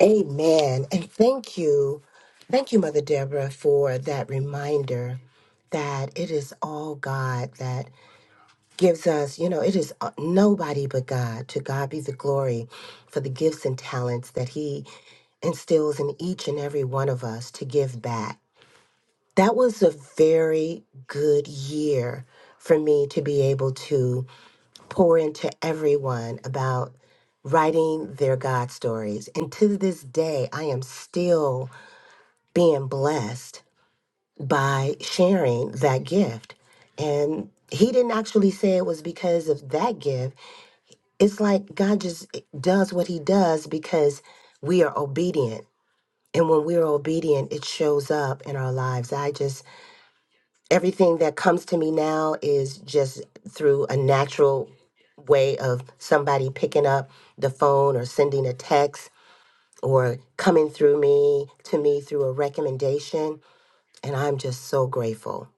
S2: Amen. And thank you. Thank you, Mother Deborah, for that reminder that it is all God, that. gives us, you know, it is uh, nobody but God. To God be the glory for the gifts and talents that He instills in each and every one of us to give back. That was a very good year for me to be able to pour into everyone about writing their God stories. And to this day, I am still being blessed by sharing that gift. And he didn't actually say it was because of that gift it's like God just eh, does what he does because we are obedient. And when we're obedient, it shows up in our lives. I just, everything that comes to me now is just through a natural way of somebody picking up the phone or sending a text or coming through me to me through a recommendation. And I'm just so grateful,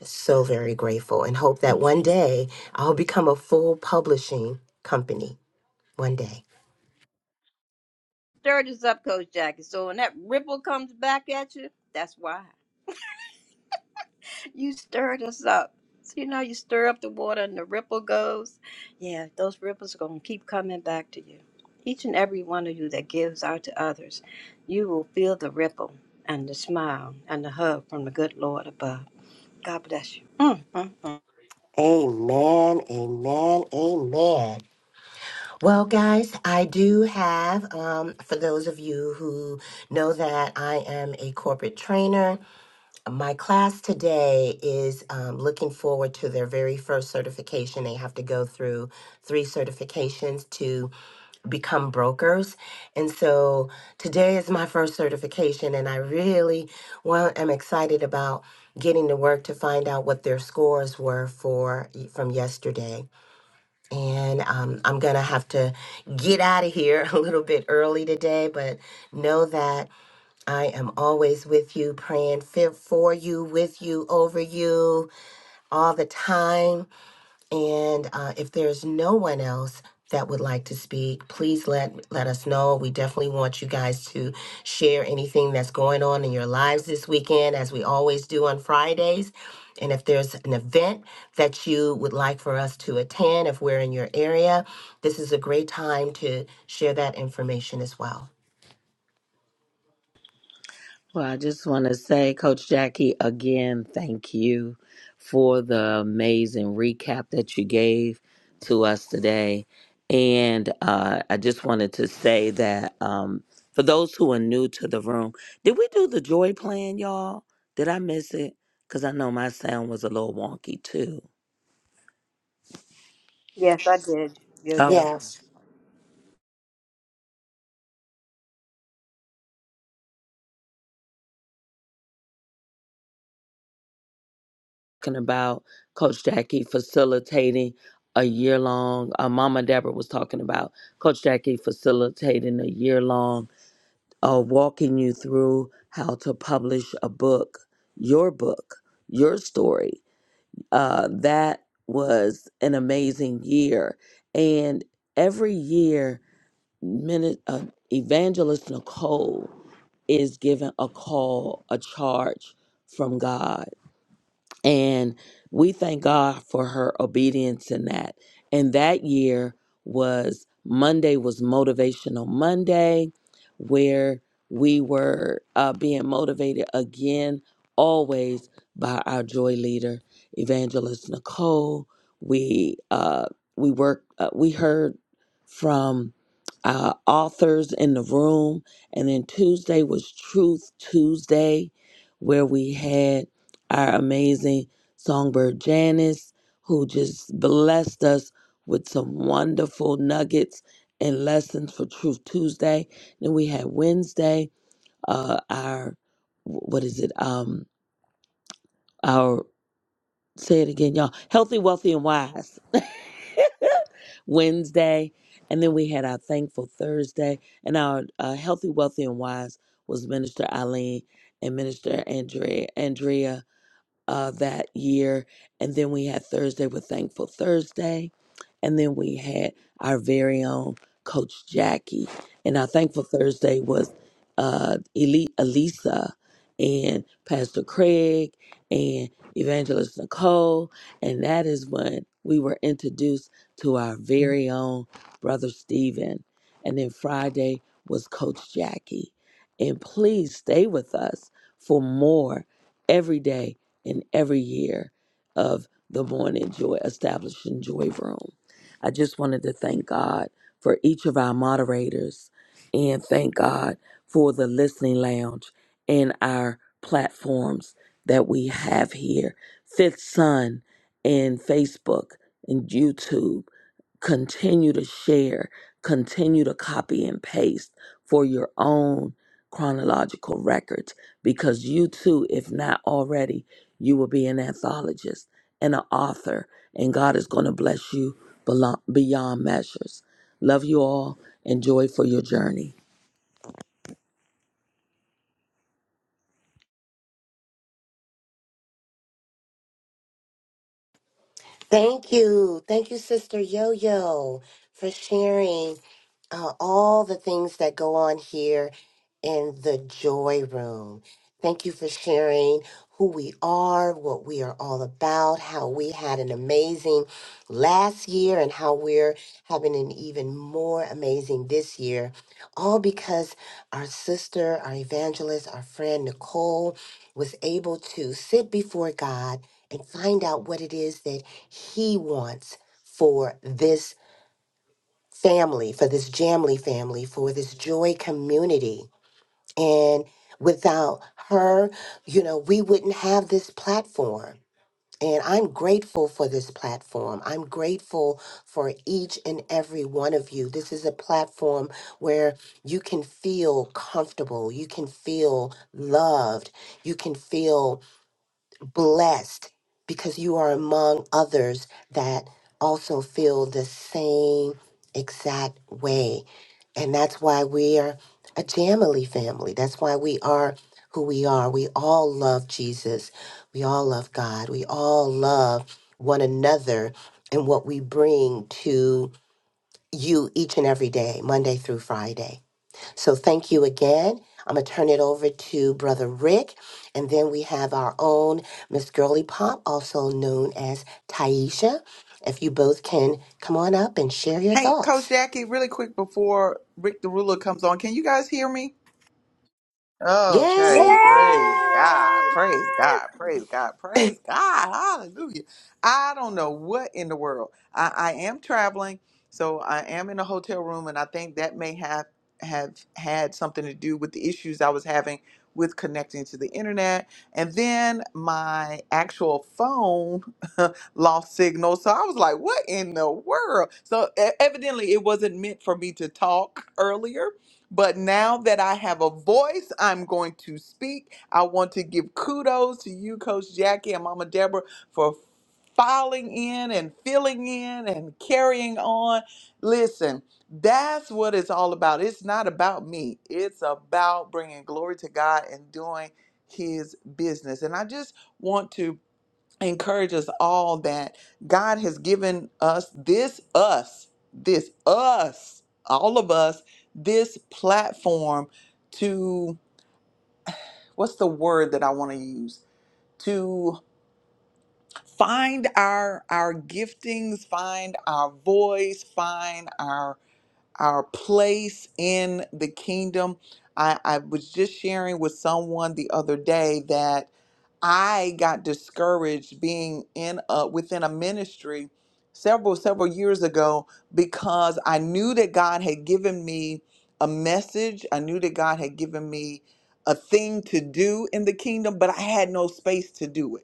S2: so very grateful, and hope that one day I'll become a full publishing company. One day.
S3: Stir this up, Coach Jackie. So when that ripple comes back at you, that's why. You stirred us up. So you know you stir up the water and the ripple goes. Yeah, those ripples are gonna keep coming back to you. Each and every one of you that gives out to others, you will feel the ripple and the smile and the hug from the good Lord above. God bless you. Mm, mm, mm.
S2: Amen, amen, amen. Well, guys, I do have, um, for those of you who know that I am a corporate trainer, my class today is um, looking forward to their very first certification. They have to go through three certifications to become brokers. And so today is my first certification, and I really well, am excited about getting to work to find out what their scores were for from yesterday. And um, I'm going to have to get out of here a little bit early today, but know that I am always with you, praying fi- for you, with you, over you, all the time. And uh, if there's no one else that would like to speak, please let let us know. We definitely want you guys to share anything that's going on in your lives this weekend, as we always do on Fridays. And if there's an event that you would like for us to attend, if we're in your area, this is a great time to share that information as well.
S5: Well, I just want to say, Coach Jackie, again, thank you for the amazing recap that you gave to us today. And uh, I just wanted to say that um, for those who are new to the room, did we do the joy plan, y'all? Did I miss it? Because I know my sound was a little wonky too.
S3: Yes, I did. Yo yo.
S5: Okay.
S2: Yes.
S5: Talking about Coach Jackie facilitating a year long, uh, Mama Deborah was talking about Coach Jackie facilitating a year long uh, walking you through how to publish a book, your book, your story. Uh, that was an amazing year. And every year, minute, uh, Evangelist Nicole is given a call, a charge from God and we thank God for her obedience in that. And that year was Monday was motivational Monday, where we were uh, being motivated again, always by our joy leader, Evangelist Nicole. We uh, we worked. Uh, we heard from uh, authors in the room, and then Tuesday was Truth Tuesday, where we had our amazing songbird Janice, who just blessed us with some wonderful nuggets and lessons for Truth Tuesday. Then we had Wednesday, uh, our what is it? Um, our say it again, y'all. Healthy, wealthy, and wise. Wednesday, and then we had our Thankful Thursday, and our uh, Healthy, Wealthy, and Wise was Minister Eileen and Minister Andrea. Andrea, uh, that year. And then we had Thursday with Thankful Thursday. And then we had our very own Coach Jackie. And our Thankful Thursday was uh, Elite Elisa and Pastor Craig and Evangelist Nicole. And that is when we were introduced to our very own brother Stephen. And then Friday was Coach Jackie. And please stay with us for more every day in every year of the Morning Joy, establishing Joy Room. I just wanted to thank God for each of our moderators and thank God for the listening lounge and our platforms that we have here Fifth Sun and Facebook and YouTube. Continue to share, continue to copy and paste for your own chronological records because you too, if not already, you will be an anthologist and an author, and God is going to bless you belo- beyond measures. Love you all and joy for your journey.
S2: Thank you. Thank you, Sister Yo Yo, for sharing. uh, all the things that go on here in the joy room. Thank you for sharing who we are, what we are all about, how we had an amazing last year, and how we're having an even more amazing this year. All because our sister, our evangelist, our friend Nicole was able to sit before God and find out what it is that He wants for this family, for this Jamley family, for this Joy community. And without her, you know, we wouldn't have this platform. And I'm grateful for this platform. I'm grateful for each and every one of you. This is a platform where you can feel comfortable, you can feel loved, you can feel blessed because you are among others that also feel the same exact way. And that's why we are a Jamily family. That's why we are who we are. We all love Jesus. We all love God. We all love one another and what we bring to you each and every day, Monday through Friday. So thank you again. I'm going to turn it over to Brother Rick. And then we have our own Miss Girly Pop, also known as Taisha. If you both can come on up and share your
S1: Hey, Coach
S2: thoughts.
S1: Jackie, really quick before Rick the Ruler comes on, can you guys hear me? Okay,
S2: Yay!
S3: Yay!
S1: praise God, praise God, praise God, praise God, hallelujah. I don't know what in the world. I, I am traveling, so I am in a hotel room, and I think that may have have had something to do with the issues I was having with connecting to the internet. And then my actual phone lost signal. So I was like, what in the world? So e- evidently it wasn't meant for me to talk earlier but now that I have a voice, I'm going to speak. I want to give kudos to you, Coach Jackie and Mama Deborah, for filing in and filling in and carrying on. Listen, that's what it's all about. It's not about me, it's about bringing glory to God and doing His business. And I just want to encourage us all that God has given us this us, this us, all of us, this platform to what's the word that I want to use? To find our our giftings, find our voice, find our our place in the kingdom. I, I was just sharing with someone the other day that I got discouraged being in a, within a ministry several several years ago because I knew that God had given me a message. I knew that God had given me a thing to do in the kingdom, but I had no space to do it.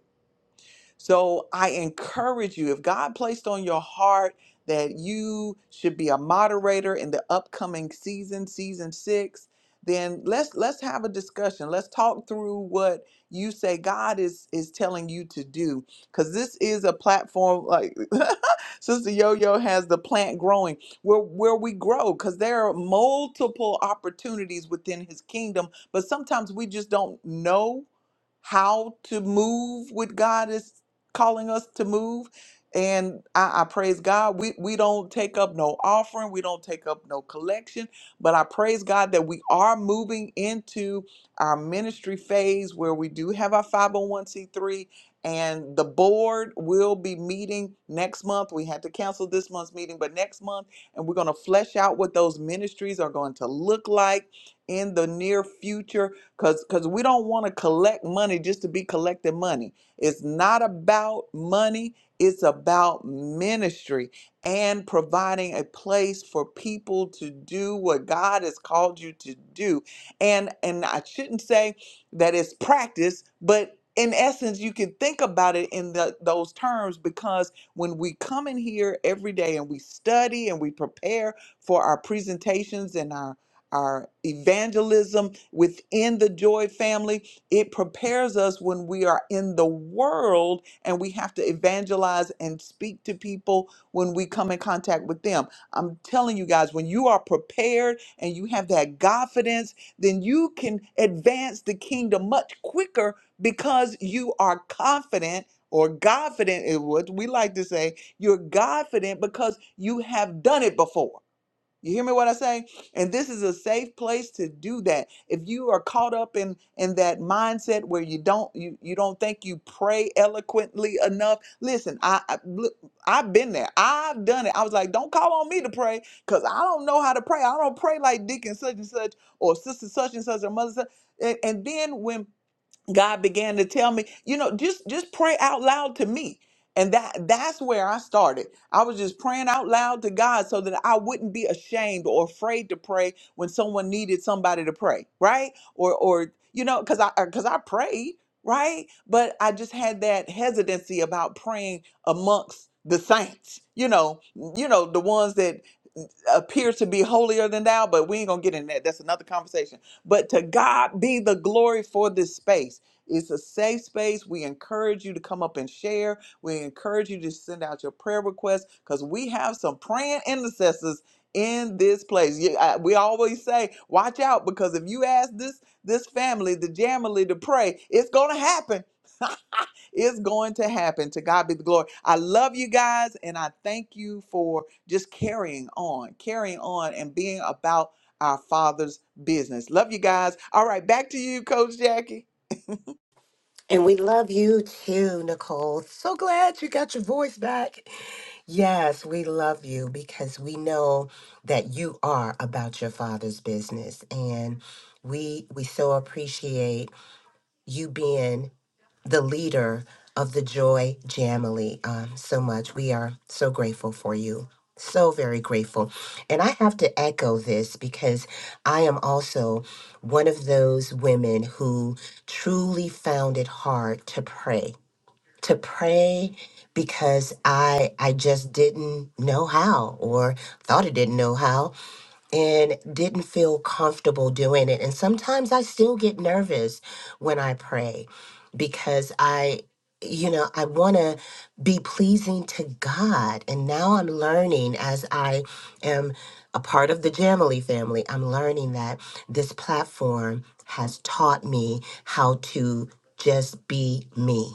S1: So I encourage you, if God placed on your heart that you should be a moderator in the upcoming season, season six, then let's let's have a discussion. Let's talk through what you say God is is telling you to do. Cause this is a platform like Sister Yo-Yo has the plant growing where where we grow because there are multiple opportunities within his kingdom but sometimes we just don't know how to move what God is calling us to move. And I, I praise God. We we don't take up no offering. We don't take up no collection. But I praise God that we are moving into our ministry phase where we do have our 501c3 and the board will be meeting next month. We had to cancel this month's meeting, but next month, and we're going to flesh out what those ministries are going to look like in the near future because because we don't want to collect money just to be collecting money it's not about money it's about ministry and providing a place for people to do what god has called you to do and and i shouldn't say that it's practice but in essence you can think about it in the, those terms because when we come in here every day and we study and we prepare for our presentations and our our evangelism within the joy family it prepares us when we are in the world and we have to evangelize and speak to people when we come in contact with them i'm telling you guys when you are prepared and you have that confidence then you can advance the kingdom much quicker because you are confident or confident is what we like to say you're confident because you have done it before you hear me what I say? And this is a safe place to do that. If you are caught up in in that mindset where you don't you, you don't think you pray eloquently enough, listen, I, I look, I've been there. I've done it. I was like, don't call on me to pray cuz I don't know how to pray. I don't pray like Dick such and such or sister such and such or mother such. And, and then when God began to tell me, you know, just just pray out loud to me. And that that's where I started. I was just praying out loud to God so that I wouldn't be ashamed or afraid to pray when someone needed somebody to pray, right? Or or you know, cuz I cuz I prayed, right? But I just had that hesitancy about praying amongst the saints, you know, you know, the ones that appears to be holier than thou, but we ain't gonna get in that. That's another conversation. But to God be the glory for this space. It's a safe space. We encourage you to come up and share. We encourage you to send out your prayer requests because we have some praying intercessors in this place. You- I- We always say, watch out because if you ask this this family, the Jamily, to pray, it's gonna happen. Is going to happen. To God be the glory. I love you guys and I thank you for just carrying on, carrying on and being about our Father's business. Love you guys. All right, back to you, Coach Jackie.
S2: And we love you too, Nicole. So glad you got your voice back. Yes, we love you because we know that you are about your father's business. And we we so appreciate you being the leader of the Joy Jamily um, so much. We are so grateful for you. So very grateful. And I have to echo this because I am also one of those women who truly found it hard to pray. To pray because I I just didn't know how or thought I didn't know how and didn't feel comfortable doing it. And sometimes I still get nervous when I pray because I, you know, I want to be pleasing to God. And now I'm learning as I am a part of the Jamily family, I'm learning that this platform has taught me how to just be me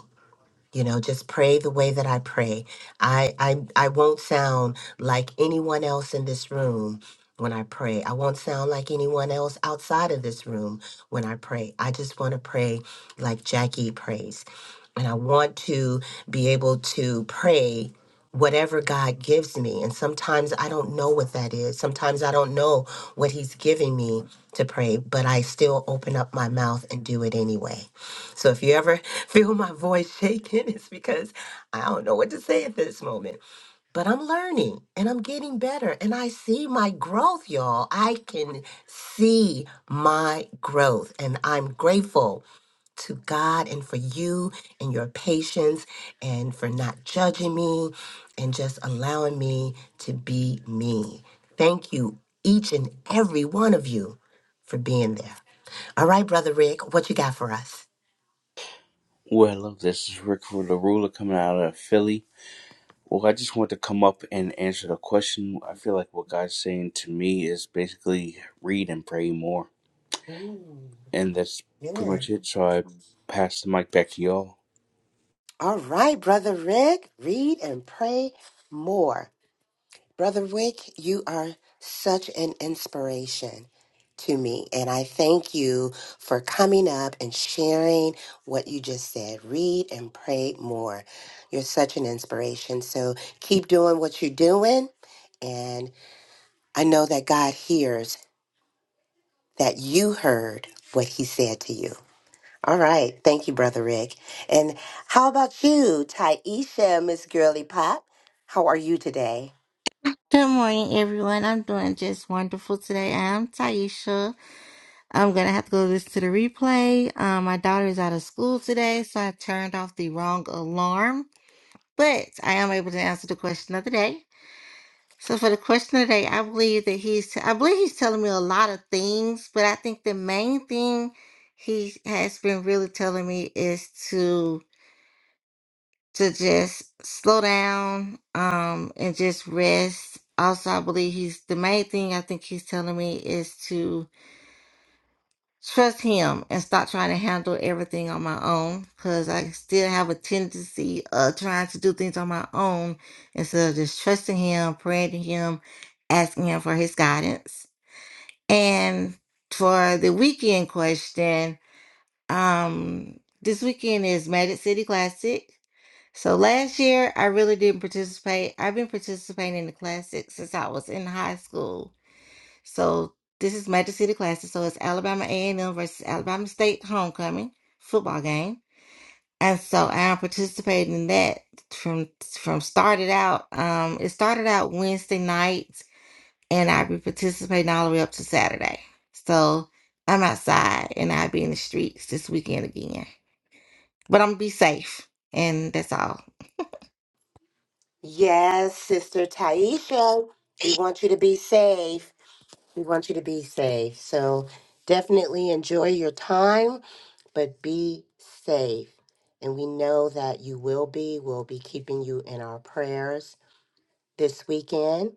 S2: you know just pray the way that i pray i i, I won't sound like anyone else in this room when i pray i won't sound like anyone else outside of this room when i pray i just want to pray like jackie prays and i want to be able to pray whatever god gives me and sometimes i don't know what that is sometimes i don't know what he's giving me to pray but i still open up my mouth and do it anyway so if you ever feel my voice shaking, it's because I don't know what to say at this moment. But I'm learning and I'm getting better and I see my growth, y'all. I can see my growth and I'm grateful to God and for you and your patience and for not judging me and just allowing me to be me. Thank you, each and every one of you, for being there. All right, Brother Rick, what you got for us?
S9: Well, hello, this is Rick for the Ruler coming out of Philly. Well, I just want to come up and answer the question. I feel like what God's saying to me is basically read and pray more. And that's pretty
S2: Good.
S9: much it. So I pass the mic back to y'all.
S2: All right, Brother Rick, read and pray more. Brother Rick, you are such an inspiration to me. And I thank you for coming up and sharing what you just said. Read and pray more. You're such an inspiration. So keep doing what you're doing. And I know that God hears that you heard what he said to you. All right. Thank you, Brother Rick. And how about you, Taisha, Miss Girly Pop? How are you today?
S10: Good morning, everyone. I'm doing just wonderful today. I'm Taisha. I'm gonna have to go listen to the replay. Um, my daughter is out of school today, so I turned off the wrong alarm, but I am able to answer the question of the day. So for the question of the day, I believe that he's, I believe he's telling me a lot of things, but I think the main thing he has been really telling me is to to just slow down um and just rest. Also, I believe he's the main thing I think he's telling me is to trust him and stop trying to handle everything on my own because I still have a tendency of trying to do things on my own instead of just trusting him, praying to him, asking him for his guidance. And for the weekend question, um, this weekend is Magic City Classic. So last year, I really didn't participate. I've been participating in the classic since I was in high school. So this is Magic City Classic. So it's Alabama A&M versus Alabama State homecoming football game. And so I'm participating in that from from started out. Um, it started out Wednesday night, and I'll be participating all the way up to Saturday. So I'm outside, and I'll be in the streets this weekend again. But I'm gonna be safe, and that's all.
S2: Yes, Sister Taisha. We want you to be safe. We want you to be safe. So definitely enjoy your time, but be safe. And we know that you will be. We'll be keeping you in our prayers this weekend.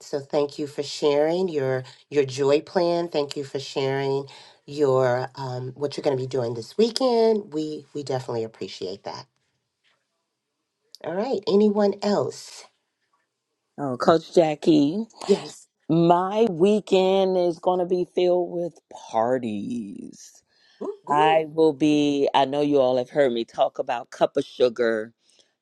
S2: So thank you for sharing your your joy plan. Thank you for sharing your um, what you're going to be doing this weekend. We we definitely appreciate that. All right. Anyone else?
S5: Oh, Coach Jackie,
S2: Yes.
S5: my weekend is going to be filled with parties.
S2: Woo,
S5: I
S2: woo.
S5: will be, I know you all have heard me talk about Cup of Sugar.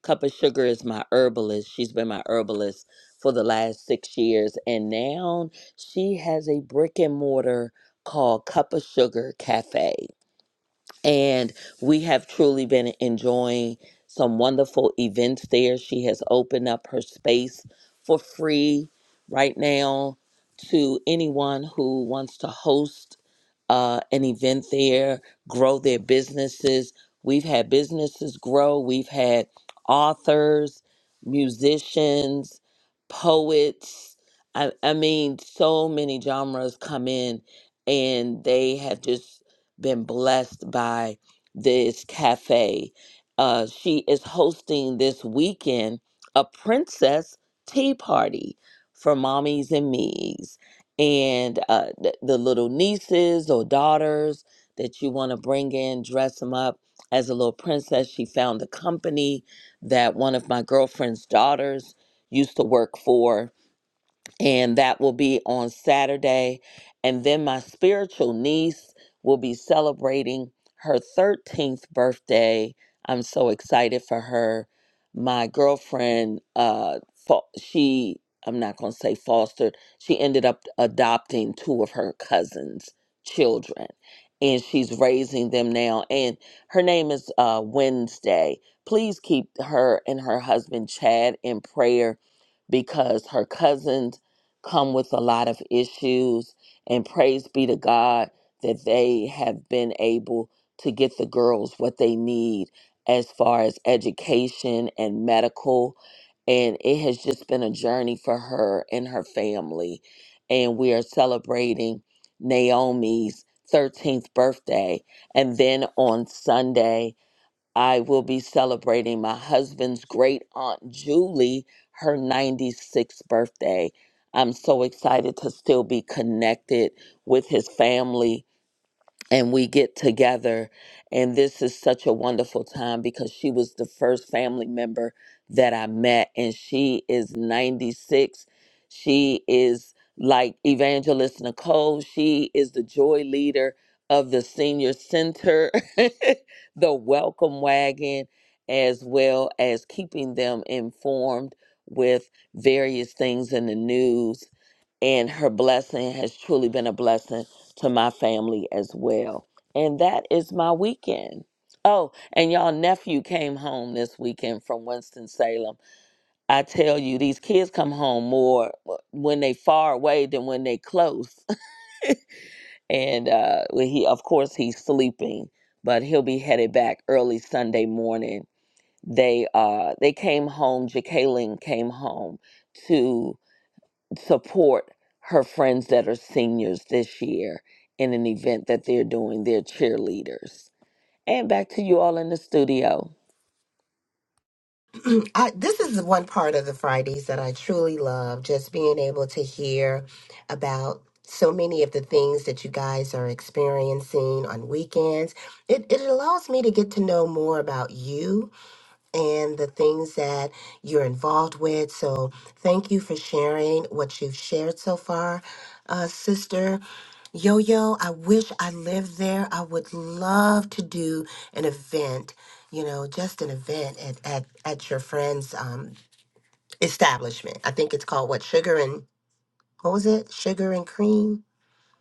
S5: Cup of Sugar is my herbalist. She's been my herbalist for the last six years. And now she has a brick and mortar called Cup of Sugar Cafe and we have truly been enjoying some wonderful events there. She has opened up her space for free right now to anyone who wants to host uh, an event there, grow their businesses. We've had businesses grow, we've had authors, musicians, poets. I, I mean, so many genres come in and they have just been blessed by this cafe. Uh, she is hosting this weekend a princess tea party for mommies and me's. And uh, th- the little nieces or daughters that you want to bring in, dress them up as a little princess. She found a company that one of my girlfriend's daughters used to work for and that will be on Saturday. And then my spiritual niece will be celebrating her 13th birthday. I'm so excited for her. My girlfriend, uh, fa- she, I'm not going to say fostered, she ended up adopting two of her cousins' children. And she's raising them now. And her name is uh, Wednesday. Please keep her and her husband, Chad, in prayer because her cousins come with a lot of issues. And praise be to God that they have been able to get the girls what they need as far as education and medical. And it has just been a journey for her and her family. And we are celebrating Naomi's 13th birthday. And then on Sunday, I will be celebrating my husband's great aunt Julie, her 96th birthday. I'm so excited to still be connected with his family and we get together and this is such a wonderful time because she was the first family member that I met and she is 96 she is like evangelist Nicole she is the joy leader of the senior center the welcome wagon as well as keeping them informed with various things in the news and her blessing has truly been a blessing to my family as well. And that is my weekend. Oh, and y'all nephew came home this weekend from Winston-Salem. I tell you, these kids come home more uh, when they far away than when they close. And uh, well, he, of course, he's sleeping, but he'll be headed back early Sunday morning. They uh, they came home. Jacqueline came home to support her friends that are seniors this year in an event that they're doing. They're cheerleaders. And back to you all in the studio.
S2: I, this is one part of the Fridays that I truly love, just being able to hear about so many of the things that you guys are experiencing on weekends. It, it allows me to get to know more about you and the things that you're involved with. So, thank you for sharing what you've shared so far, uh, sister. Yo yo, I wish I lived there. I would love to do an event, you know, just an event at at, at your friend's um, establishment. I think it's called what sugar and what was it? Sugar and cream.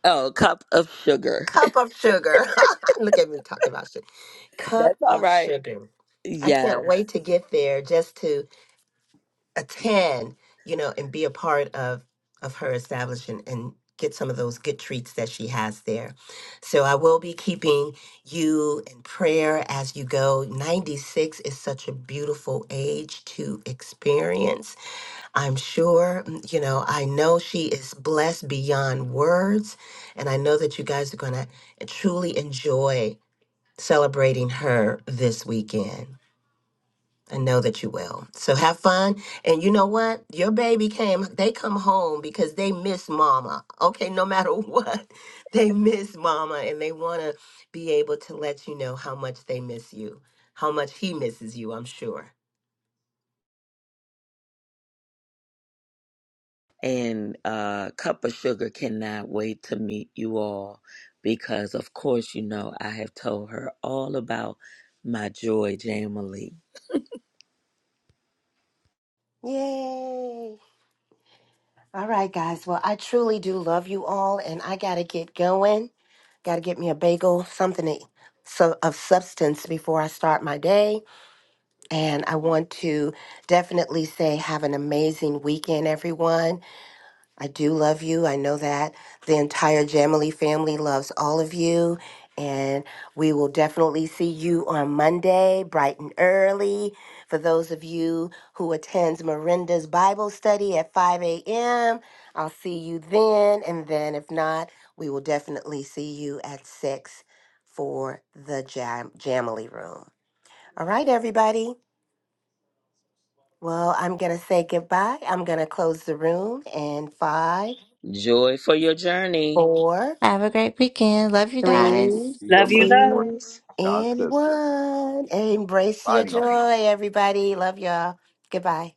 S5: Oh, cup of sugar.
S2: Cup of sugar. Look at me talking about sugar. Cup
S5: That's all
S2: of
S5: right.
S2: sugar. I can't
S5: Yes.
S2: wait to get there just to attend, you know, and be a part of of her establishment and get some of those good treats that she has there. So I will be keeping you in prayer as you go. 96 is such a beautiful age to experience. I'm sure, mm, you know, I know she is blessed beyond words and I know that you guys are going to truly enjoy celebrating her this weekend. I know that you will. So have fun. And you know what? Your baby came, they come home because they miss mama. Okay, no matter what, they miss mama and they want to be able to let you know how much they miss you, how much he misses you, I'm sure.
S5: And uh, Cup of Sugar cannot wait to meet you all because, of course, you know, I have told her all about my joy, Jamily.
S2: Yay. All right, guys. Well, I truly do love you all, and I got to get going. Got to get me a bagel, something to, so, of substance before I start my day. And I want to definitely say, have an amazing weekend, everyone. I do love you. I know that the entire Jamily family loves all of you. And we will definitely see you on Monday, bright and early. For those of you who attends Miranda's Bible study at 5 a.m., I'll see you then. And then if not, we will definitely see you at 6 for the Jam- Jamily room. All right, everybody. Well, I'm going to say goodbye. I'm going to close the room in five,
S5: Joy for your journey.
S2: four,
S10: Have a great weekend. Love you
S8: Everybody, we'll
S2: three,
S10: guys.
S8: see you
S3: Love you,
S8: Monday morning.
S3: love.
S2: two,
S8: God
S2: and
S8: says so.
S2: one. Embrace
S8: Bye
S2: your
S8: now.
S2: joy, everybody. Love y'all. Goodbye.